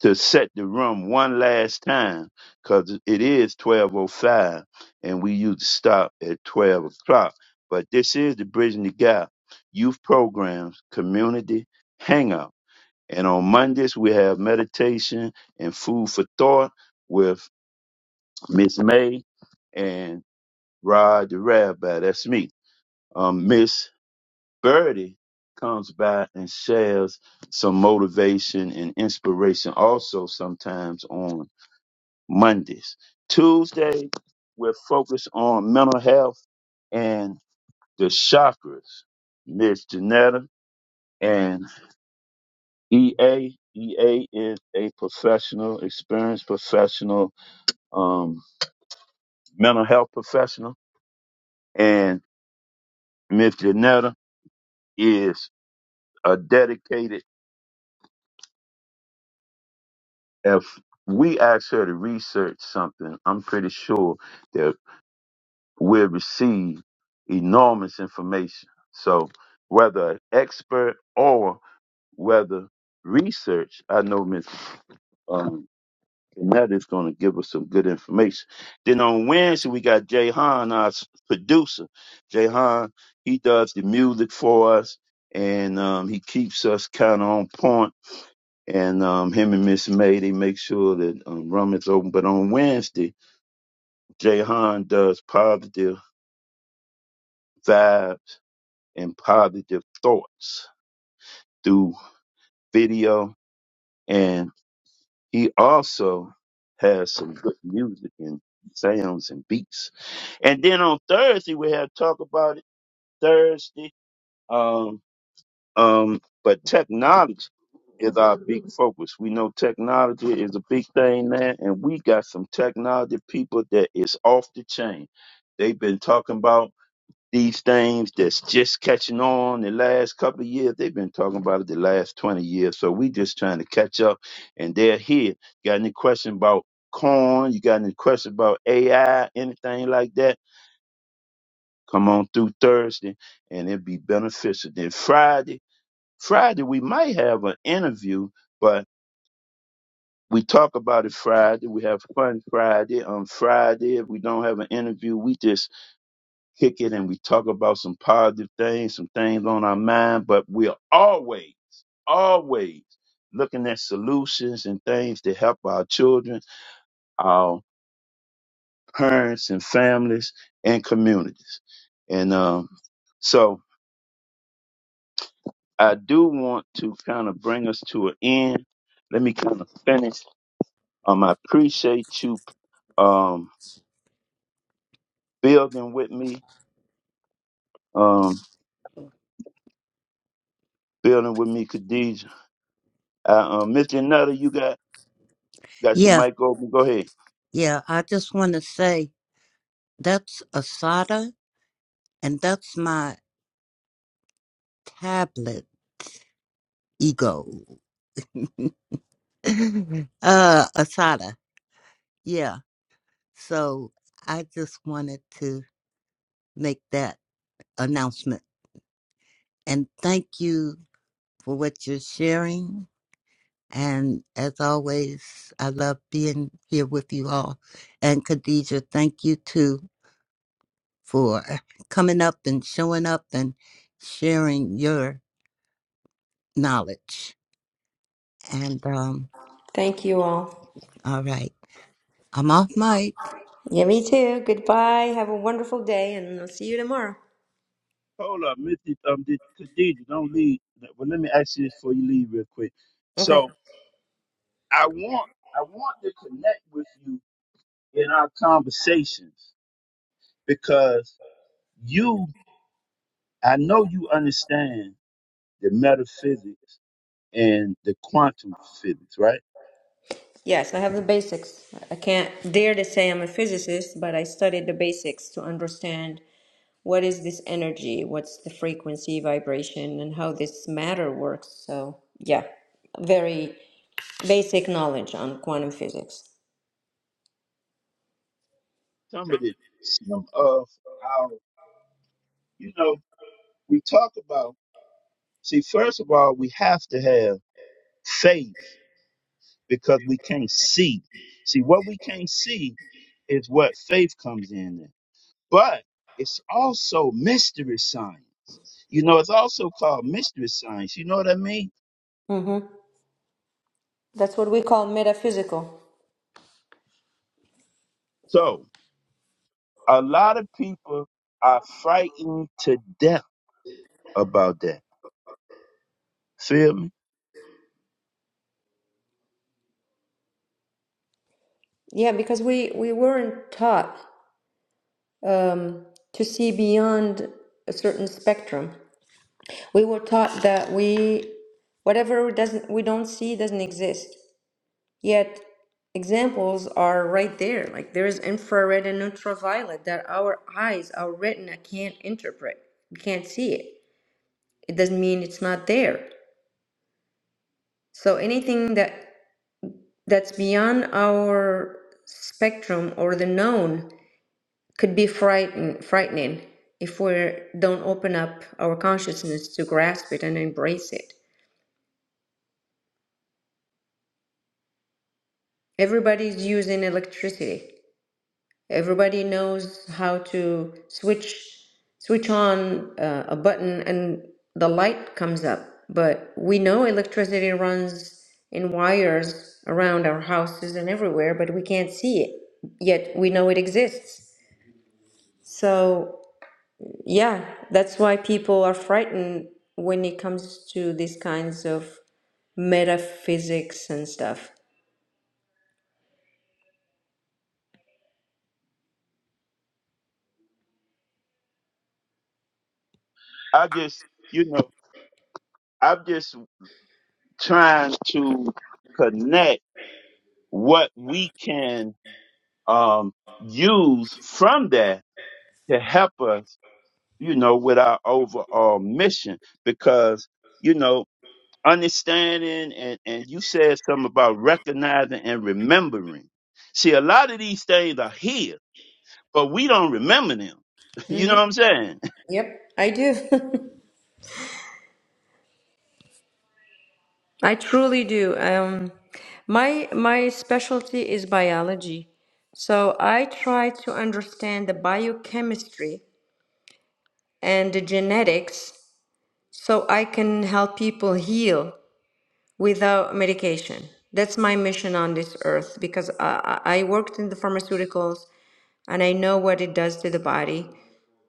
to set the room one last time because it is twelve oh five, and we usually stop at twelve o'clock. But this is the Bridging the Gap Youth Programs Community Hangout, and on Mondays we have meditation and food for thought with Miss May and Rod the Rabbi. That's me. Um, Miss Birdie comes by and shares some motivation and inspiration also sometimes on Mondays. Tuesday, we're focused on mental health and the chakras. Miss Janetta and E. A. E. A. is a professional, experienced professional, um, mental health professional. And Miss Janetta is a dedicated if we ask her to research something, I'm pretty sure that we'll receive enormous information. So, whether an expert or whether research, I know Miss um, Annette is going to give us some good information. Then on Wednesday, we got Jay Han, our s- producer. Jay Han, he does the music for us and um, he keeps us kind of on point and um, him and Miss May they make sure that um, rum is open. But on Wednesday, Jahan does positive vibes and positive thoughts through video, and he also has some good music and sounds and beats. And then on Thursday we have talk about it Thursday. Um, Um, but technology is our big focus. We know technology is a big thing now, and we got some technology people that is off the chain. They've been talking about these things that's just catching on the last couple of years. They've been talking about it the last 20 years. So we just trying to catch up and they're here. Got any question about corn? You got any question about AI, anything like that? Come on through Thursday and it'd be beneficial. Then Friday, Friday we might have an interview, but we talk about it Friday. We have fun Friday. On Friday, if we don't have an interview, we just kick it and we talk about some positive things, some things on our mind. But we're always, always looking at solutions and things to help our children, our parents and families and communities. And um, so I do want to kind of bring us to an end. Let me kind of finish Um, I appreciate you um, building with me, um, building with me, Khadija. Uh, um, Mr. Nutter, you got got your yeah, mic open. Go ahead. yeah. I just want to say that's a Asada and that's my tablet ego. uh, Asada. Yeah. So I just wanted to make that announcement. And thank you for what you're sharing. And as always, I love being here with you all. And Khadija, thank you too for coming up and showing up and sharing your knowledge. And um, Thank you all. all right, I'm off mic. Yeah, me too. Goodbye. Have a wonderful day, and I'll see you tomorrow. Hold up, Mr. Um, did- Khadija, don't leave. Well, let me ask you this before you leave real quick. Okay. So I want I want to connect with you in our conversations because you I know you understand the metaphysics and the quantum physics, right? Yes, I have the basics. I can't dare to say I'm a physicist, but I studied the basics to understand what is this energy? What's the frequency, vibration, and how this matter works? So, yeah, very basic knowledge on quantum physics. Some of the some of our you know, we talk about, see, first of all, we have to have faith because we can't see. See, what we can't see is what faith comes in. at. But it's also mystery science. You know, it's also called mystery science. You know what I mean? hmm That's what we call metaphysical. So a lot of people are frightened to death about that. Feel me? Yeah, because we, we weren't taught um, to see beyond a certain spectrum. We were taught that we whatever doesn't we don't see doesn't exist. Yet examples are right there. Like there is infrared and ultraviolet that our eyes, our retina can't interpret. We can't see it. It doesn't mean it's not there. So anything that that's beyond our spectrum or the known could be frighten, frightening if we don't open up our consciousness to grasp it and embrace it. Everybody's using electricity. Everybody knows how to switch switch on uh, a button and the light comes up. But we know electricity runs in wires around our houses and everywhere, but we can't see it. Yet we know it exists. So, yeah, that's why people are frightened when it comes to these kinds of metaphysics and stuff. I just, you know, I'm just trying to connect what we can um, use from that to help us, you know, with our overall mission. Because, you know, understanding and, and you said something about recognizing and remembering. See, a lot of these things are here, but we don't remember them. You know what I'm saying? Yep, I do. I truly do. Um, my my specialty is biology, so I try to understand the biochemistry and the genetics so I can help people heal without medication. That's my mission on this earth because I, I I worked in the pharmaceuticals and I know what it does to the body.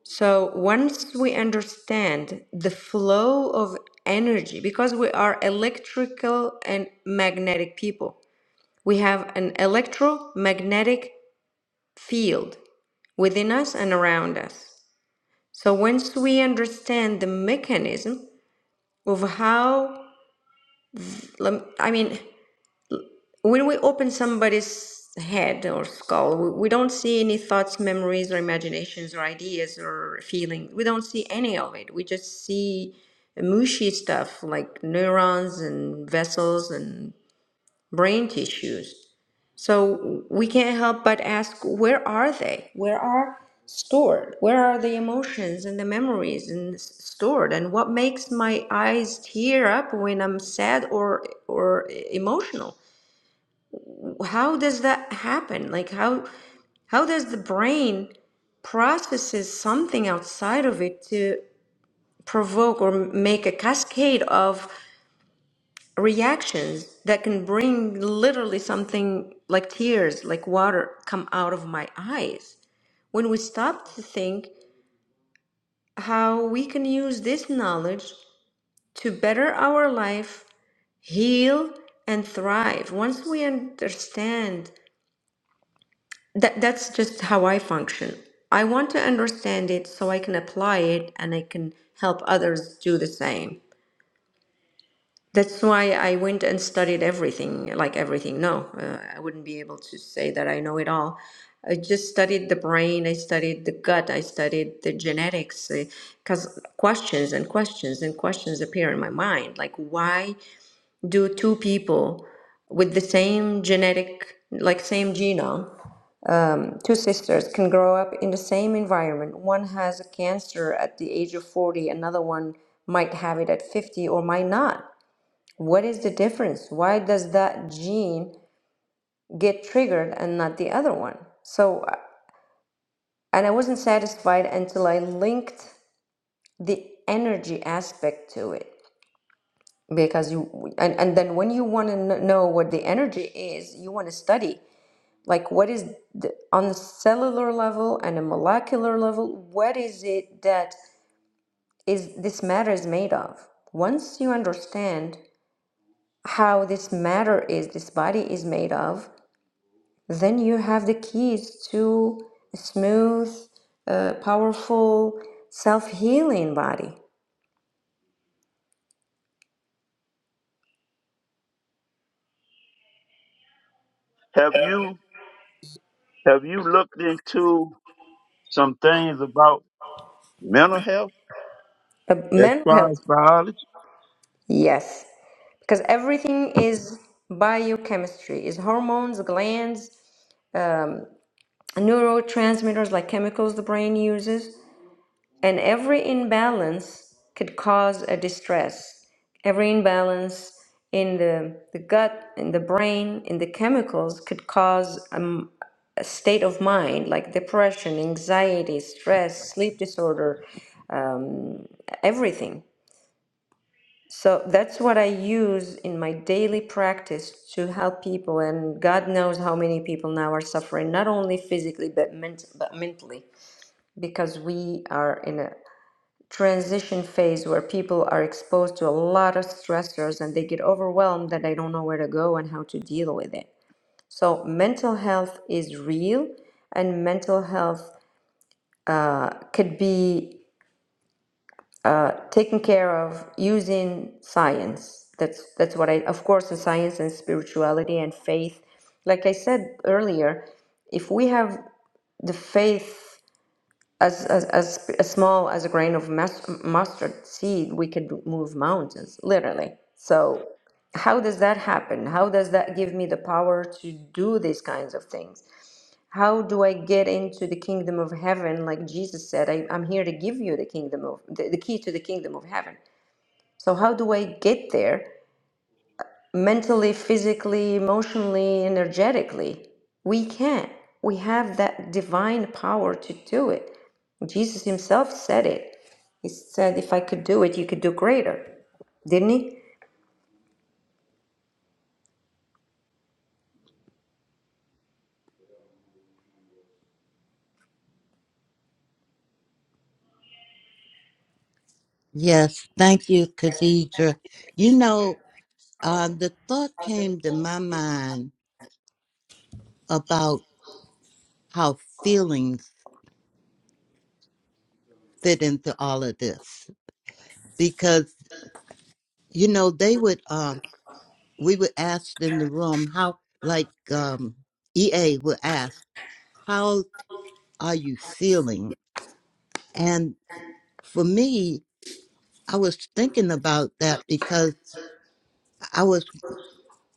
So once we understand the flow of energy, because we are electrical and magnetic people We have an electromagnetic field within us and around us. So once we understand the mechanism of how, I mean, when we open somebody's head or skull, we don't see any thoughts, memories, or imaginations, or ideas, or feelings. We don't see any of it. We just see mushy stuff like neurons and vessels and brain tissues. So we can't help but ask, where are they? Where are stored? Where are the emotions and the memories and s- stored? And what makes my eyes tear up when I'm sad or or emotional? How does that happen? Like how how does the brain processes something outside of it to provoke or make a cascade of reactions that can bring literally something like tears, like water come out of my eyes. When we stop to think how we can use this knowledge to better our life, heal, and thrive. Once we understand that, that's just how I function. I want to understand it so I can apply it and I can help others do the same. That's why I went and studied everything, like everything. No, uh, I wouldn't be able to say that I know it all. I just studied the brain, I studied the gut, I studied the genetics, because questions and questions and questions appear in my mind. Like, why do two people with the same genetic, like same genome, um, two sisters can grow up in the same environment. One has a cancer at the age of 40, another one might have it at 50 or might not what is the difference? Why does that gene get triggered and not the other one? So, uh, and I wasn't satisfied until I linked the energy aspect to it. Because you, and, and then when you want to know what the energy is, you want to study like what is the, on the cellular level and a molecular level, what is it that is this matter is made of? Once you understand how this matter is, this body is made of, then you have the keys to a smooth, uh, powerful, self healing body. Have you have you looked into some things about mental health Uh, as mental far health, as biology? yes, because everything is biochemistry, is hormones, glands, neurotransmitters like chemicals the brain uses, and every imbalance could cause a distress. Every imbalance in the, the gut, in the brain, in the chemicals could cause a. state of mind like depression anxiety stress sleep disorder um, everything so that's what i use in my daily practice to help people and god knows how many people now are suffering not only physically but, ment- but mentally because we are in a transition phase where people are exposed to a lot of stressors and they get overwhelmed that they don't know where to go and how to deal with it so mental health is real and mental health uh, could be uh, taken care of using science. That's that's what I, of course, in science and spirituality and faith. Like I said earlier, if we have the faith as as, as, as small as a grain of mas- mustard seed, we could move mountains, literally. So how does that happen? How does that give me the power to do these kinds of things? How do I get into the kingdom of heaven? Like Jesus said, I, I'm here to give you the kingdom of the, the key to the kingdom of heaven. So how do I get there mentally, physically, emotionally, energetically? We can. We have that divine power to do it. Jesus himself said it. He said, if I could do it, you could do greater, didn't he? Yes, thank you, Khadija. You know, uh, the thought came to my mind about how feelings fit into all of this because you know they would um we would ask in the room how like um ea would ask how are you feeling and for me i was thinking about that because i was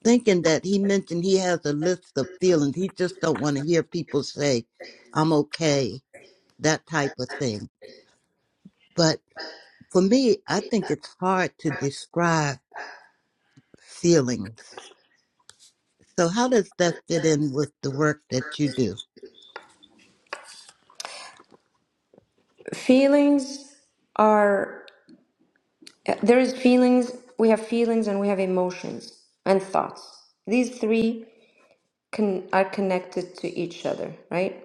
thinking that he mentioned he has a list of feelings he just don't want to hear people say i'm okay that type of thing but for me i think it's hard to describe feelings. So how does that fit in with the work that you do? Feelings are, there is feelings, we have feelings and we have emotions and thoughts. These three con- are connected to each other, right?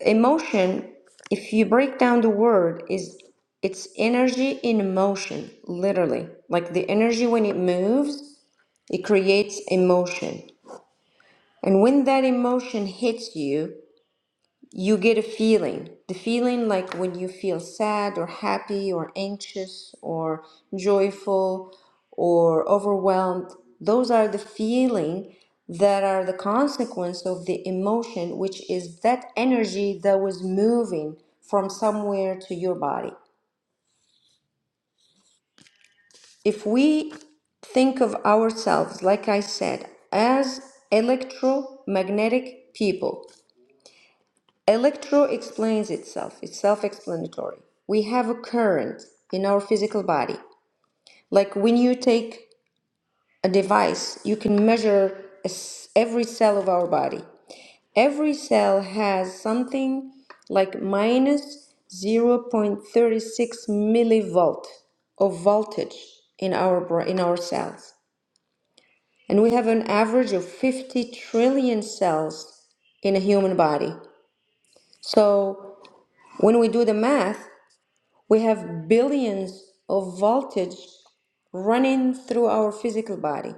Emotion, if you break down the word, is it's energy in motion, literally. Like the energy when it moves, it creates emotion. And when that emotion hits you, you get a feeling the feeling like when you feel sad or happy or anxious or joyful or overwhelmed those are the feeling that are the consequence of the emotion which is that energy that was moving from somewhere to your body if we think of ourselves like i said as electromagnetic people Electro explains itself, it's self explanatory. We have a current in our physical body. Like when you take a device, you can measure a s- every cell of our body. Every cell has something like minus 0.36 millivolt of voltage in our, bra- in our cells. And we have an average of 50 trillion cells in a human body. So when we do the math, We have billions of voltage running through our physical body.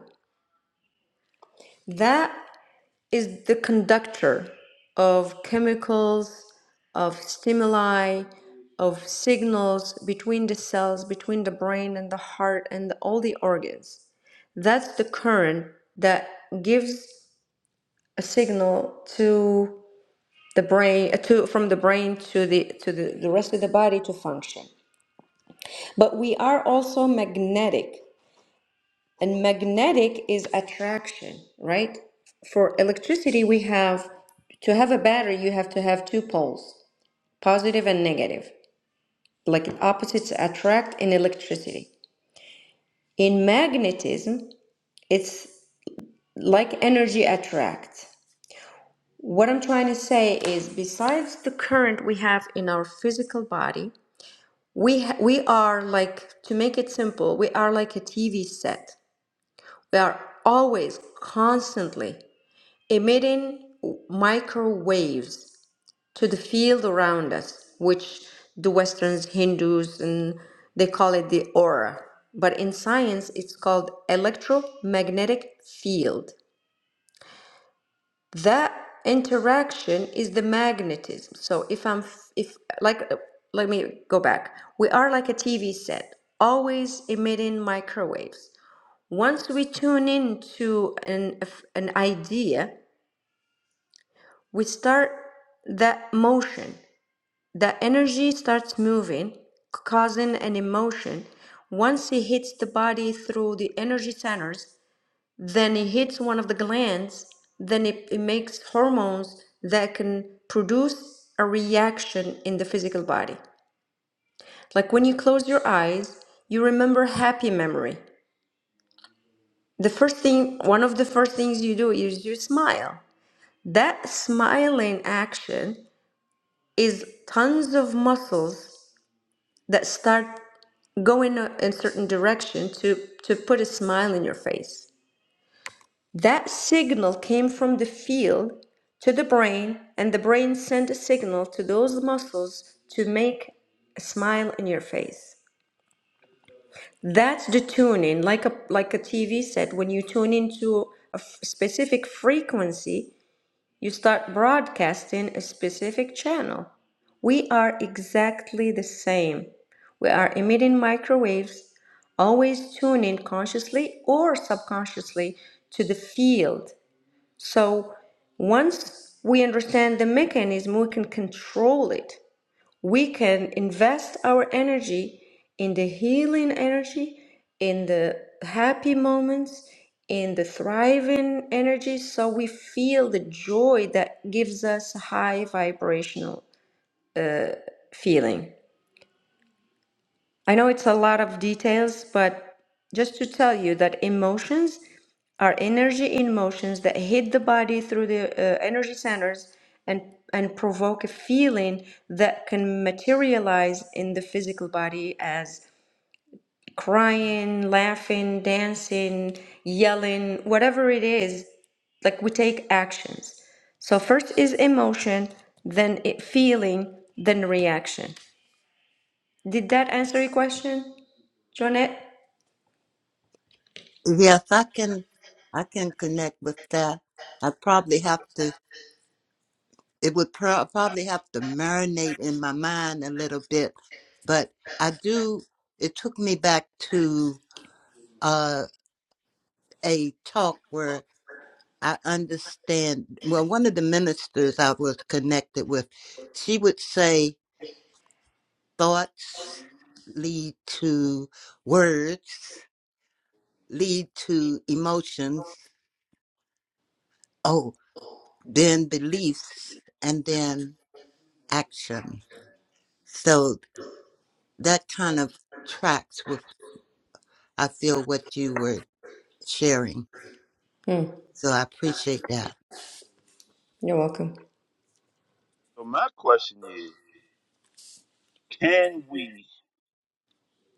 That is the conductor of chemicals, of stimuli, of signals between the cells, between the brain and the heart and all the organs. That's the current that gives a signal to the brain uh, to from the brain to the to the, the rest of the body to function. But we are also magnetic. And magnetic is attraction, right? For electricity, we have to have a battery, you have to have two poles, positive and negative. Like opposites attract in electricity. In magnetism, it's like energy attracts. What I'm trying to say is, besides the current we have in our physical body, we ha- we are like to make it simple, we are like a TV set. We are always constantly emitting microwaves to the field around us, which the Westerns, Hindus, and they call it the aura. But in science, it's called electromagnetic field. That interaction is the magnetism. So if I'm, if like, let me go back. We are like a TV set, always emitting microwaves once we tune into an, an idea we start that motion the energy starts moving causing an emotion once it hits the body through the energy centers then it hits one of the glands then it, it makes hormones that can produce a reaction in the physical body like when you close your eyes you remember happy memory the first thing one of the first things you do is you smile that smiling action is tons of muscles that start going a- in certain direction to to put a smile in your face that signal came from the field to the brain and the brain sent a signal to those muscles to make a smile in your face that's the tuning like a like a tv set when you tune into a f- specific frequency You start broadcasting a specific channel. We are exactly the same. We are emitting microwaves, always tuning consciously or subconsciously to the field. So once we understand the mechanism, we can control it we can invest our energy in the healing energy, in the happy moments, in the thriving energy, so we feel the joy that gives us high vibrational feeling. I know it's a lot of details, but just to tell you that emotions are energy in motions that hit the body through the uh, energy centers and and provoke a feeling that can materialize in the physical body as crying, laughing, dancing, yelling, whatever it is. Like we take actions. So first is emotion, then it feeling, then reaction. Did that answer your question, Jonette? Yes, I can I can connect with that. I probably have to it would pro- probably have to marinate in my mind a little bit, but I do it took me back to uh a talk where I understand well one of the ministers I was connected with, she would say thoughts lead to words lead to emotions, oh, then beliefs, and then action. So that kind of tracks with, I feel, what you were sharing. So I appreciate that. You're welcome. So my question is, can we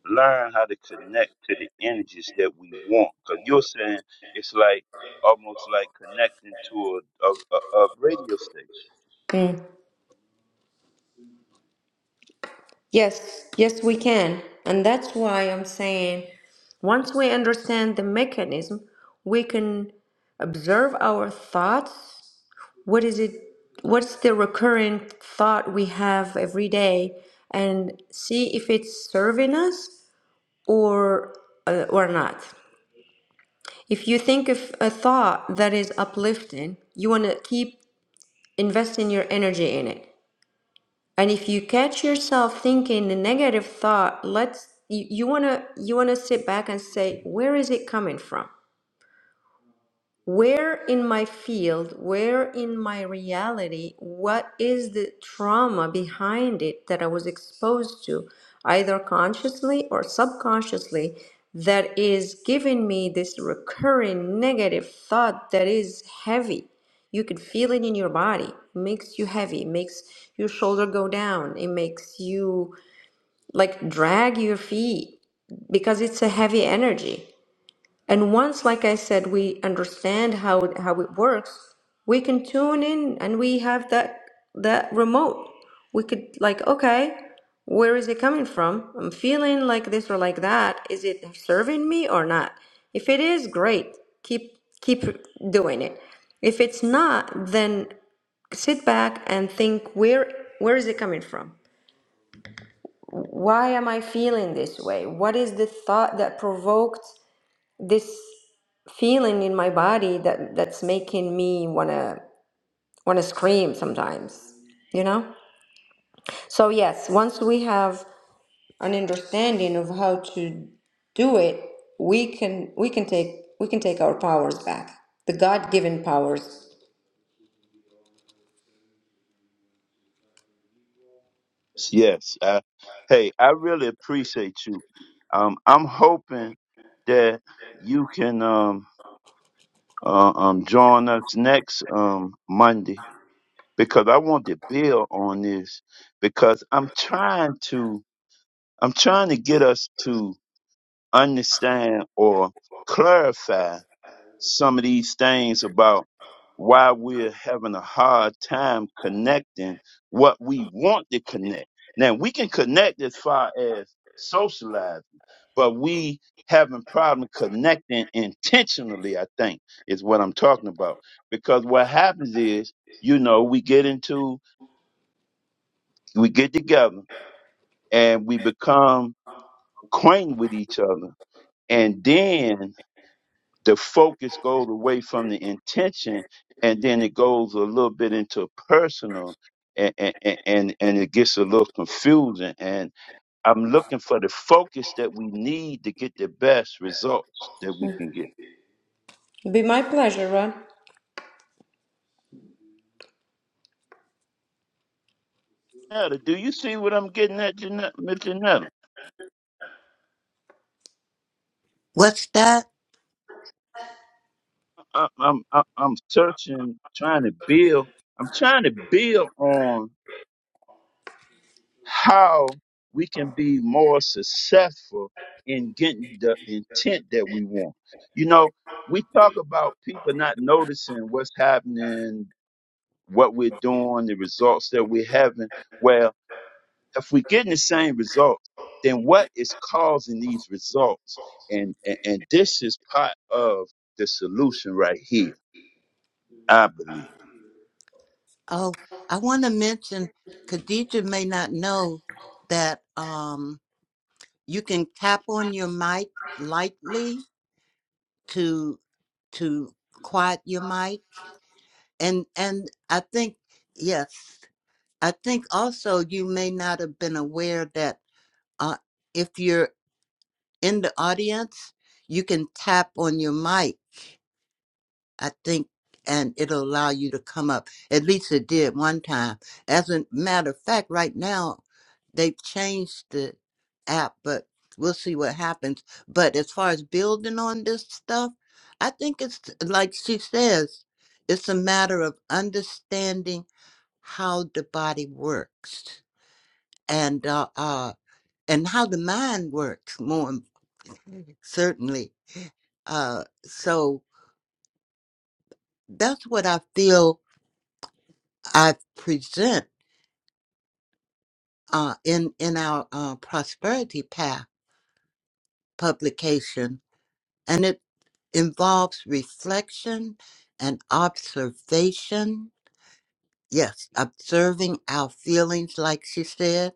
learn how to connect to the energies that we want. Because you're saying it's like almost like connecting to a, a, a, a radio station. Mm. Yes, yes, we can. And that's why I'm saying once we understand the mechanism, we can observe our thoughts. What is it? What's the recurrent thought we have every day and see if it's serving us or, uh, or not. If you think of a thought that is uplifting, you want to keep investing your energy in it. And if you catch yourself thinking a negative thought, let's you, you wanna you wanna sit back and say, where is it coming from? where in my field, where in my reality, what is the trauma behind it that I was exposed to, either consciously or subconsciously, that is giving me this recurring negative thought that is heavy. You can feel it in your body. makes you heavy, makes your shoulder go down, it makes you like drag your feet because it's a heavy energy. And once, like I said, we understand how it, how it works, we can tune in and we have that that remote. We could like, okay, where is it coming from? I'm feeling like this or like that. Is it serving me or not? If it is, great. Keep keep doing it. If it's not, then sit back and think where where is it coming from? Why am I feeling this way? What is the thought that provoked this feeling in my body that that's making me want to want to scream sometimes you know so yes once we have an understanding of how to do it we can we can take we can take our powers back the god-given powers Yes. I, hey, I really appreciate you. Um, I'm hoping that you can um, uh, um, join us next um, Monday because I want to build on this because I'm trying to I'm trying to get us to understand or clarify some of these things about why we're having a hard time connecting what we want to connect. Now we can connect as far as socializing, but we having problem connecting intentionally, I think, is what I'm talking about. Because what happens is, you know, we get into we get together and we become acquainted with each other. And then the focus goes away from the intention and then it goes a little bit into personal and and and, and it gets a little confusing and i'm looking for the focus that we need to get the best results that we can get It'd be my pleasure Ron. Janetta, do you see what i'm getting at Janetta? Miss Janetta? What's that? I- i'm i'm i'm searching trying to build i'm trying to build on how we can be more successful in getting the intent that we want. You know, we talk about people not noticing what's happening, what we're doing, the results that we're having. Well, if we're getting the same results, then what is causing these results? And and, and this is part of the solution right here, I believe. Oh, I want to mention, Khadija may not know that um, you can tap on your mic lightly to to quiet your mic, and and I think yes, I think also you may not have been aware that uh, if you're in the audience, you can tap on your mic, I think, and it'll allow you to come up. At least it did one time. As a matter of fact, right now, they've changed the app, but we'll see what happens. But as far as building on this stuff, I think it's like she says, it's a matter of understanding how the body works and uh, uh, and how the mind works more im- certainly. Uh, so that's what I feel I present uh, in in our uh, prosperity path publication, and it involves reflection and observation. Yes, observing our feelings, like she said,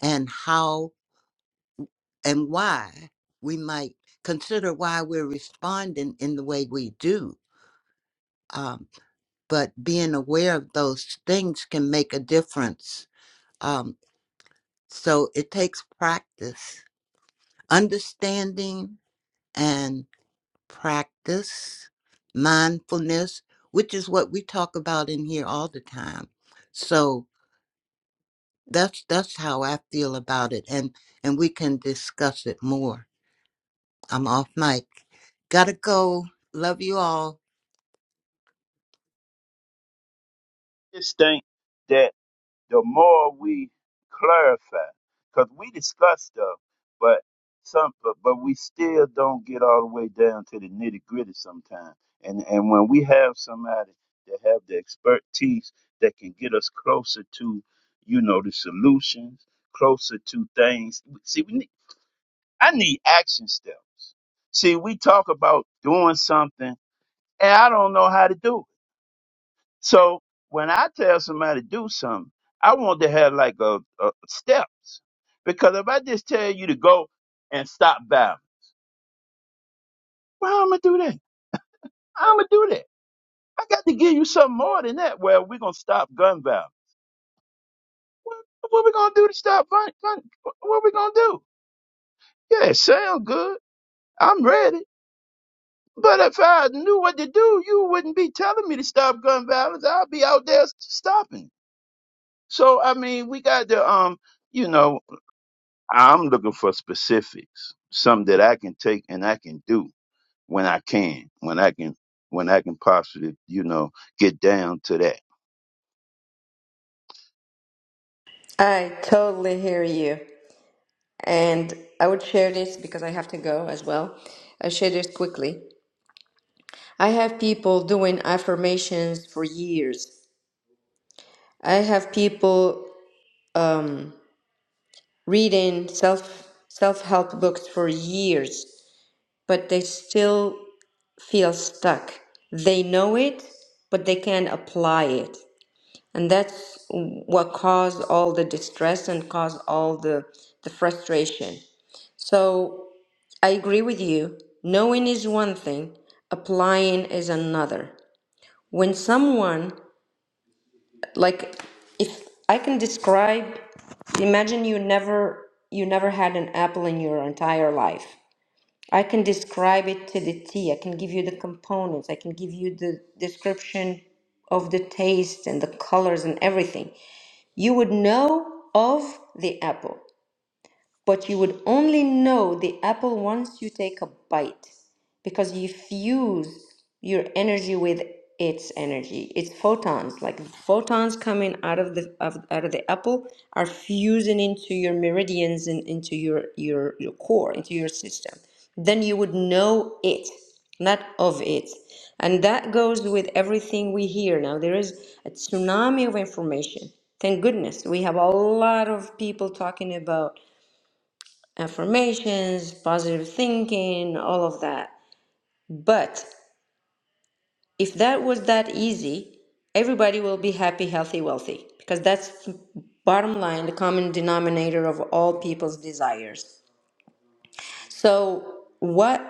and how and why we might consider why we're responding in the way we do um, but being aware of those things can make a difference. Um, so it takes practice, understanding and practice, mindfulness, which is what we talk about in here all the time. So that's that's how I feel about it, and and we can discuss it more. I'm off mic. Gotta go. Love you all. This thing. the more we clarify, because we discuss stuff, but some, but, but we still don't get all the way down to the nitty gritty sometimes. And and when we have somebody that have the expertise that can get us closer to, you know, the solutions, closer to things. See, we need, I need action steps. See, we talk about doing something, and I don't know how to do it. So when I tell somebody to do something, I want to have like a, a steps because if I just tell you to go and stop bowing, well, I'm gonna do that. I'm gonna do that. I got to give you something more than that. Well, we're gonna stop gun violence. What, what we gonna do to stop gun? gun what what we gonna do? Yeah, it sound good. I'm ready. But if I knew what to do, you wouldn't be telling me to stop gun violence. I'd be out there stopping. So I mean, we got to um, you know. I'm looking for specifics, something that I can take and I can do when I can, when I can, when I can possibly, you know, get down to that. i totally hear you and i would share this because i have to go as well i share this quickly i have people doing affirmations for years I have people um, reading self self help books for years, but they still feel stuck. They know it, but they can't apply it, and that's what caused all the distress and caused all the the frustration. So I agree with you. Knowing is one thing, applying is another. When someone like if I can describe imagine you never you never had an apple in your entire life. I can describe it to the T. I can give you the components. I can give you the description of the taste and the colors and everything. You would know of the apple. But you would only know the apple once you take a bite, because you fuse your energy with its energy, its photons. Like photons coming out of the of, out of the apple are fusing into your meridians and into your your your core, into your system. Then you would know it, not of it. And that goes with everything we hear now. There is a tsunami of information. Thank goodness we have a lot of people talking about affirmations, positive thinking, all of that. But if that was that easy, everybody will be happy, healthy, wealthy, because that's the bottom line, the common denominator of all people's desires. So, what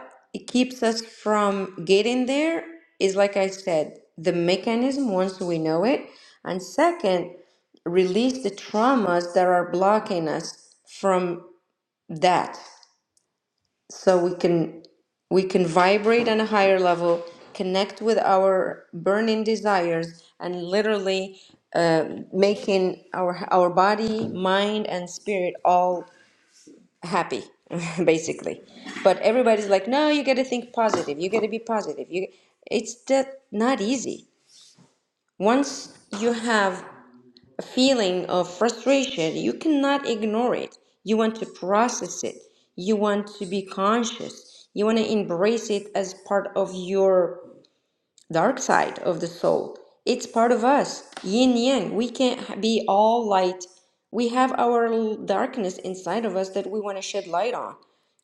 keeps us from getting there is, like I said, the mechanism once we know it. And second, release the traumas that are blocking us from that. so we can we can vibrate on a higher level connect with our burning desires and literally uh, making our our body mind and spirit all happy basically but everybody's like no you got to think positive you got to be positive you it's that not easy once you have a feeling of frustration. You cannot ignore it. You want to process it. You want to be conscious. You want to embrace it as part of your dark side of the soul. It's part of us. Yin yang. We can't be all light. We have our darkness inside of us that we want to shed light on.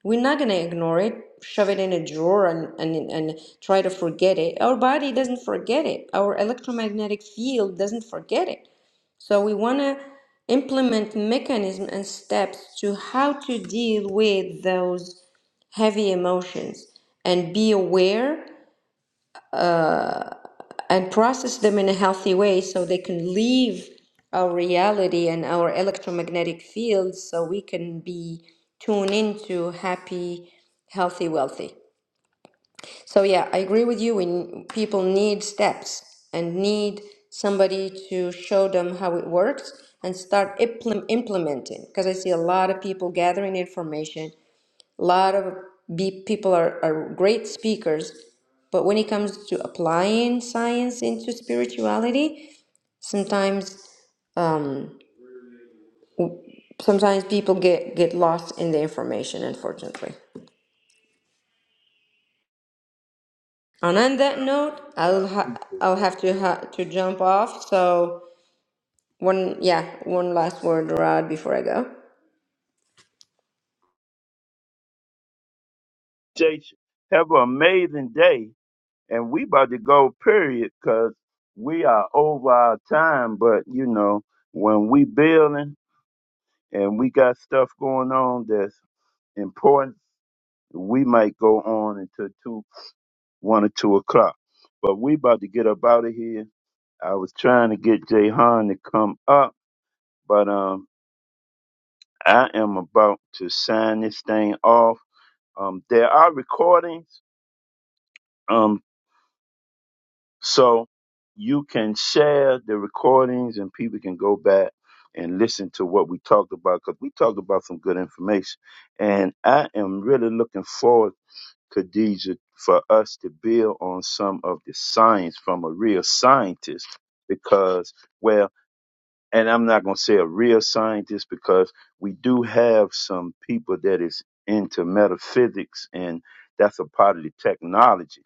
We're not going to ignore it, shove it in a drawer, and, and, and try to forget it. Our body doesn't forget it. Our electromagnetic field doesn't forget it. So we want to implement mechanisms and steps to how to deal with those heavy emotions and be aware and process them in a healthy way so they can leave our reality and our electromagnetic fields so we can be tuned into happy, healthy, wealthy. So yeah, I agree with you. We people need steps and need somebody to show them how it works and start impl- implementing. Because I see a lot of people gathering information. A lot of be- people are, are great speakers, but when it comes to applying science into spirituality, sometimes um, sometimes people get get lost in the information. Unfortunately. And on that note, Well, I I'll ha- appreciate I'll have to ha- to jump off. So. One, yeah, one last word, Rod, before I go. Jason, have an amazing day, and we about to go period because we are over our time. But you know, when we building and we got stuff going on that's important, we might go on until 2 one or two o'clock. But we about to get up out of here. I was trying to get Jay Han to come up, but um, I am about to sign this thing off. Um, there are recordings, um, so you can share the recordings and people can go back and listen to what we talked about because we talked about some good information. And I am really looking forward Khadija, for us to build on some of the science from a real scientist because, well, and I'm not going to say a real scientist because we do have some people that is into metaphysics and that's a part of the technology.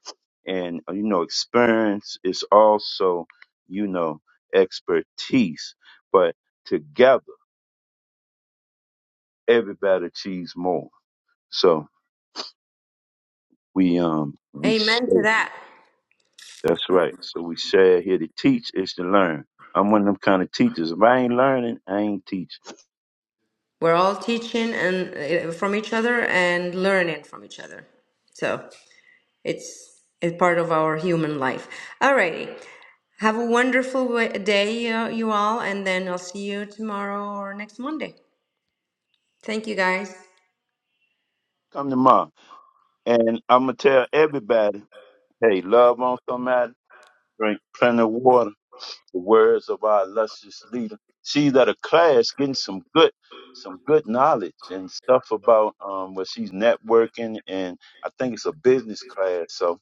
And, uh, you know, experience is also, you know, expertise, but together everybody achieves more. So we, um, we Amen share. to that. That's right. So we share here to teach is to learn. I'm one of them kind of teachers. If I ain't learning, I ain't teaching. We're all teaching and uh, from each other and learning from each other. So it's it's part of our human life. Alrighty. Have a wonderful wa- day, uh, you all, and then I'll see you tomorrow or next Monday. Thank you, guys. Come tomorrow. And I'm going to tell everybody, hey, love on somebody, drink plenty of water, the words of our illustrious leader. See that a class getting some good, some good knowledge and stuff about um, where she's networking. And I think it's a business class. So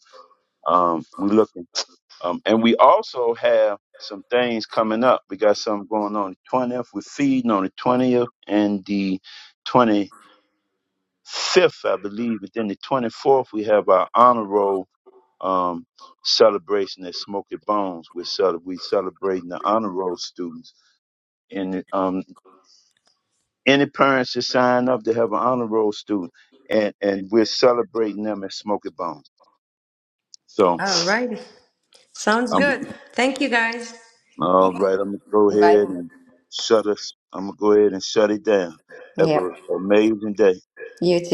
um, we looking. Um, and we also have some things coming up. We got something going on the 20th. We're feeding on the 20th and the 25th, I believe. But then the 24th, we have our honor roll um, celebration at Smoky Bones. We're, cele- we celebrating the honor roll students. And um, any parents that sign up, they have an honor roll student. And, and we're celebrating them at Smoky Bones. So Alrighty. Sounds good. Thank you, guys. All right, I'm gonna go Bye. ahead and shut us. I'm gonna go ahead and shut it down. Have Yep. an amazing day. You too.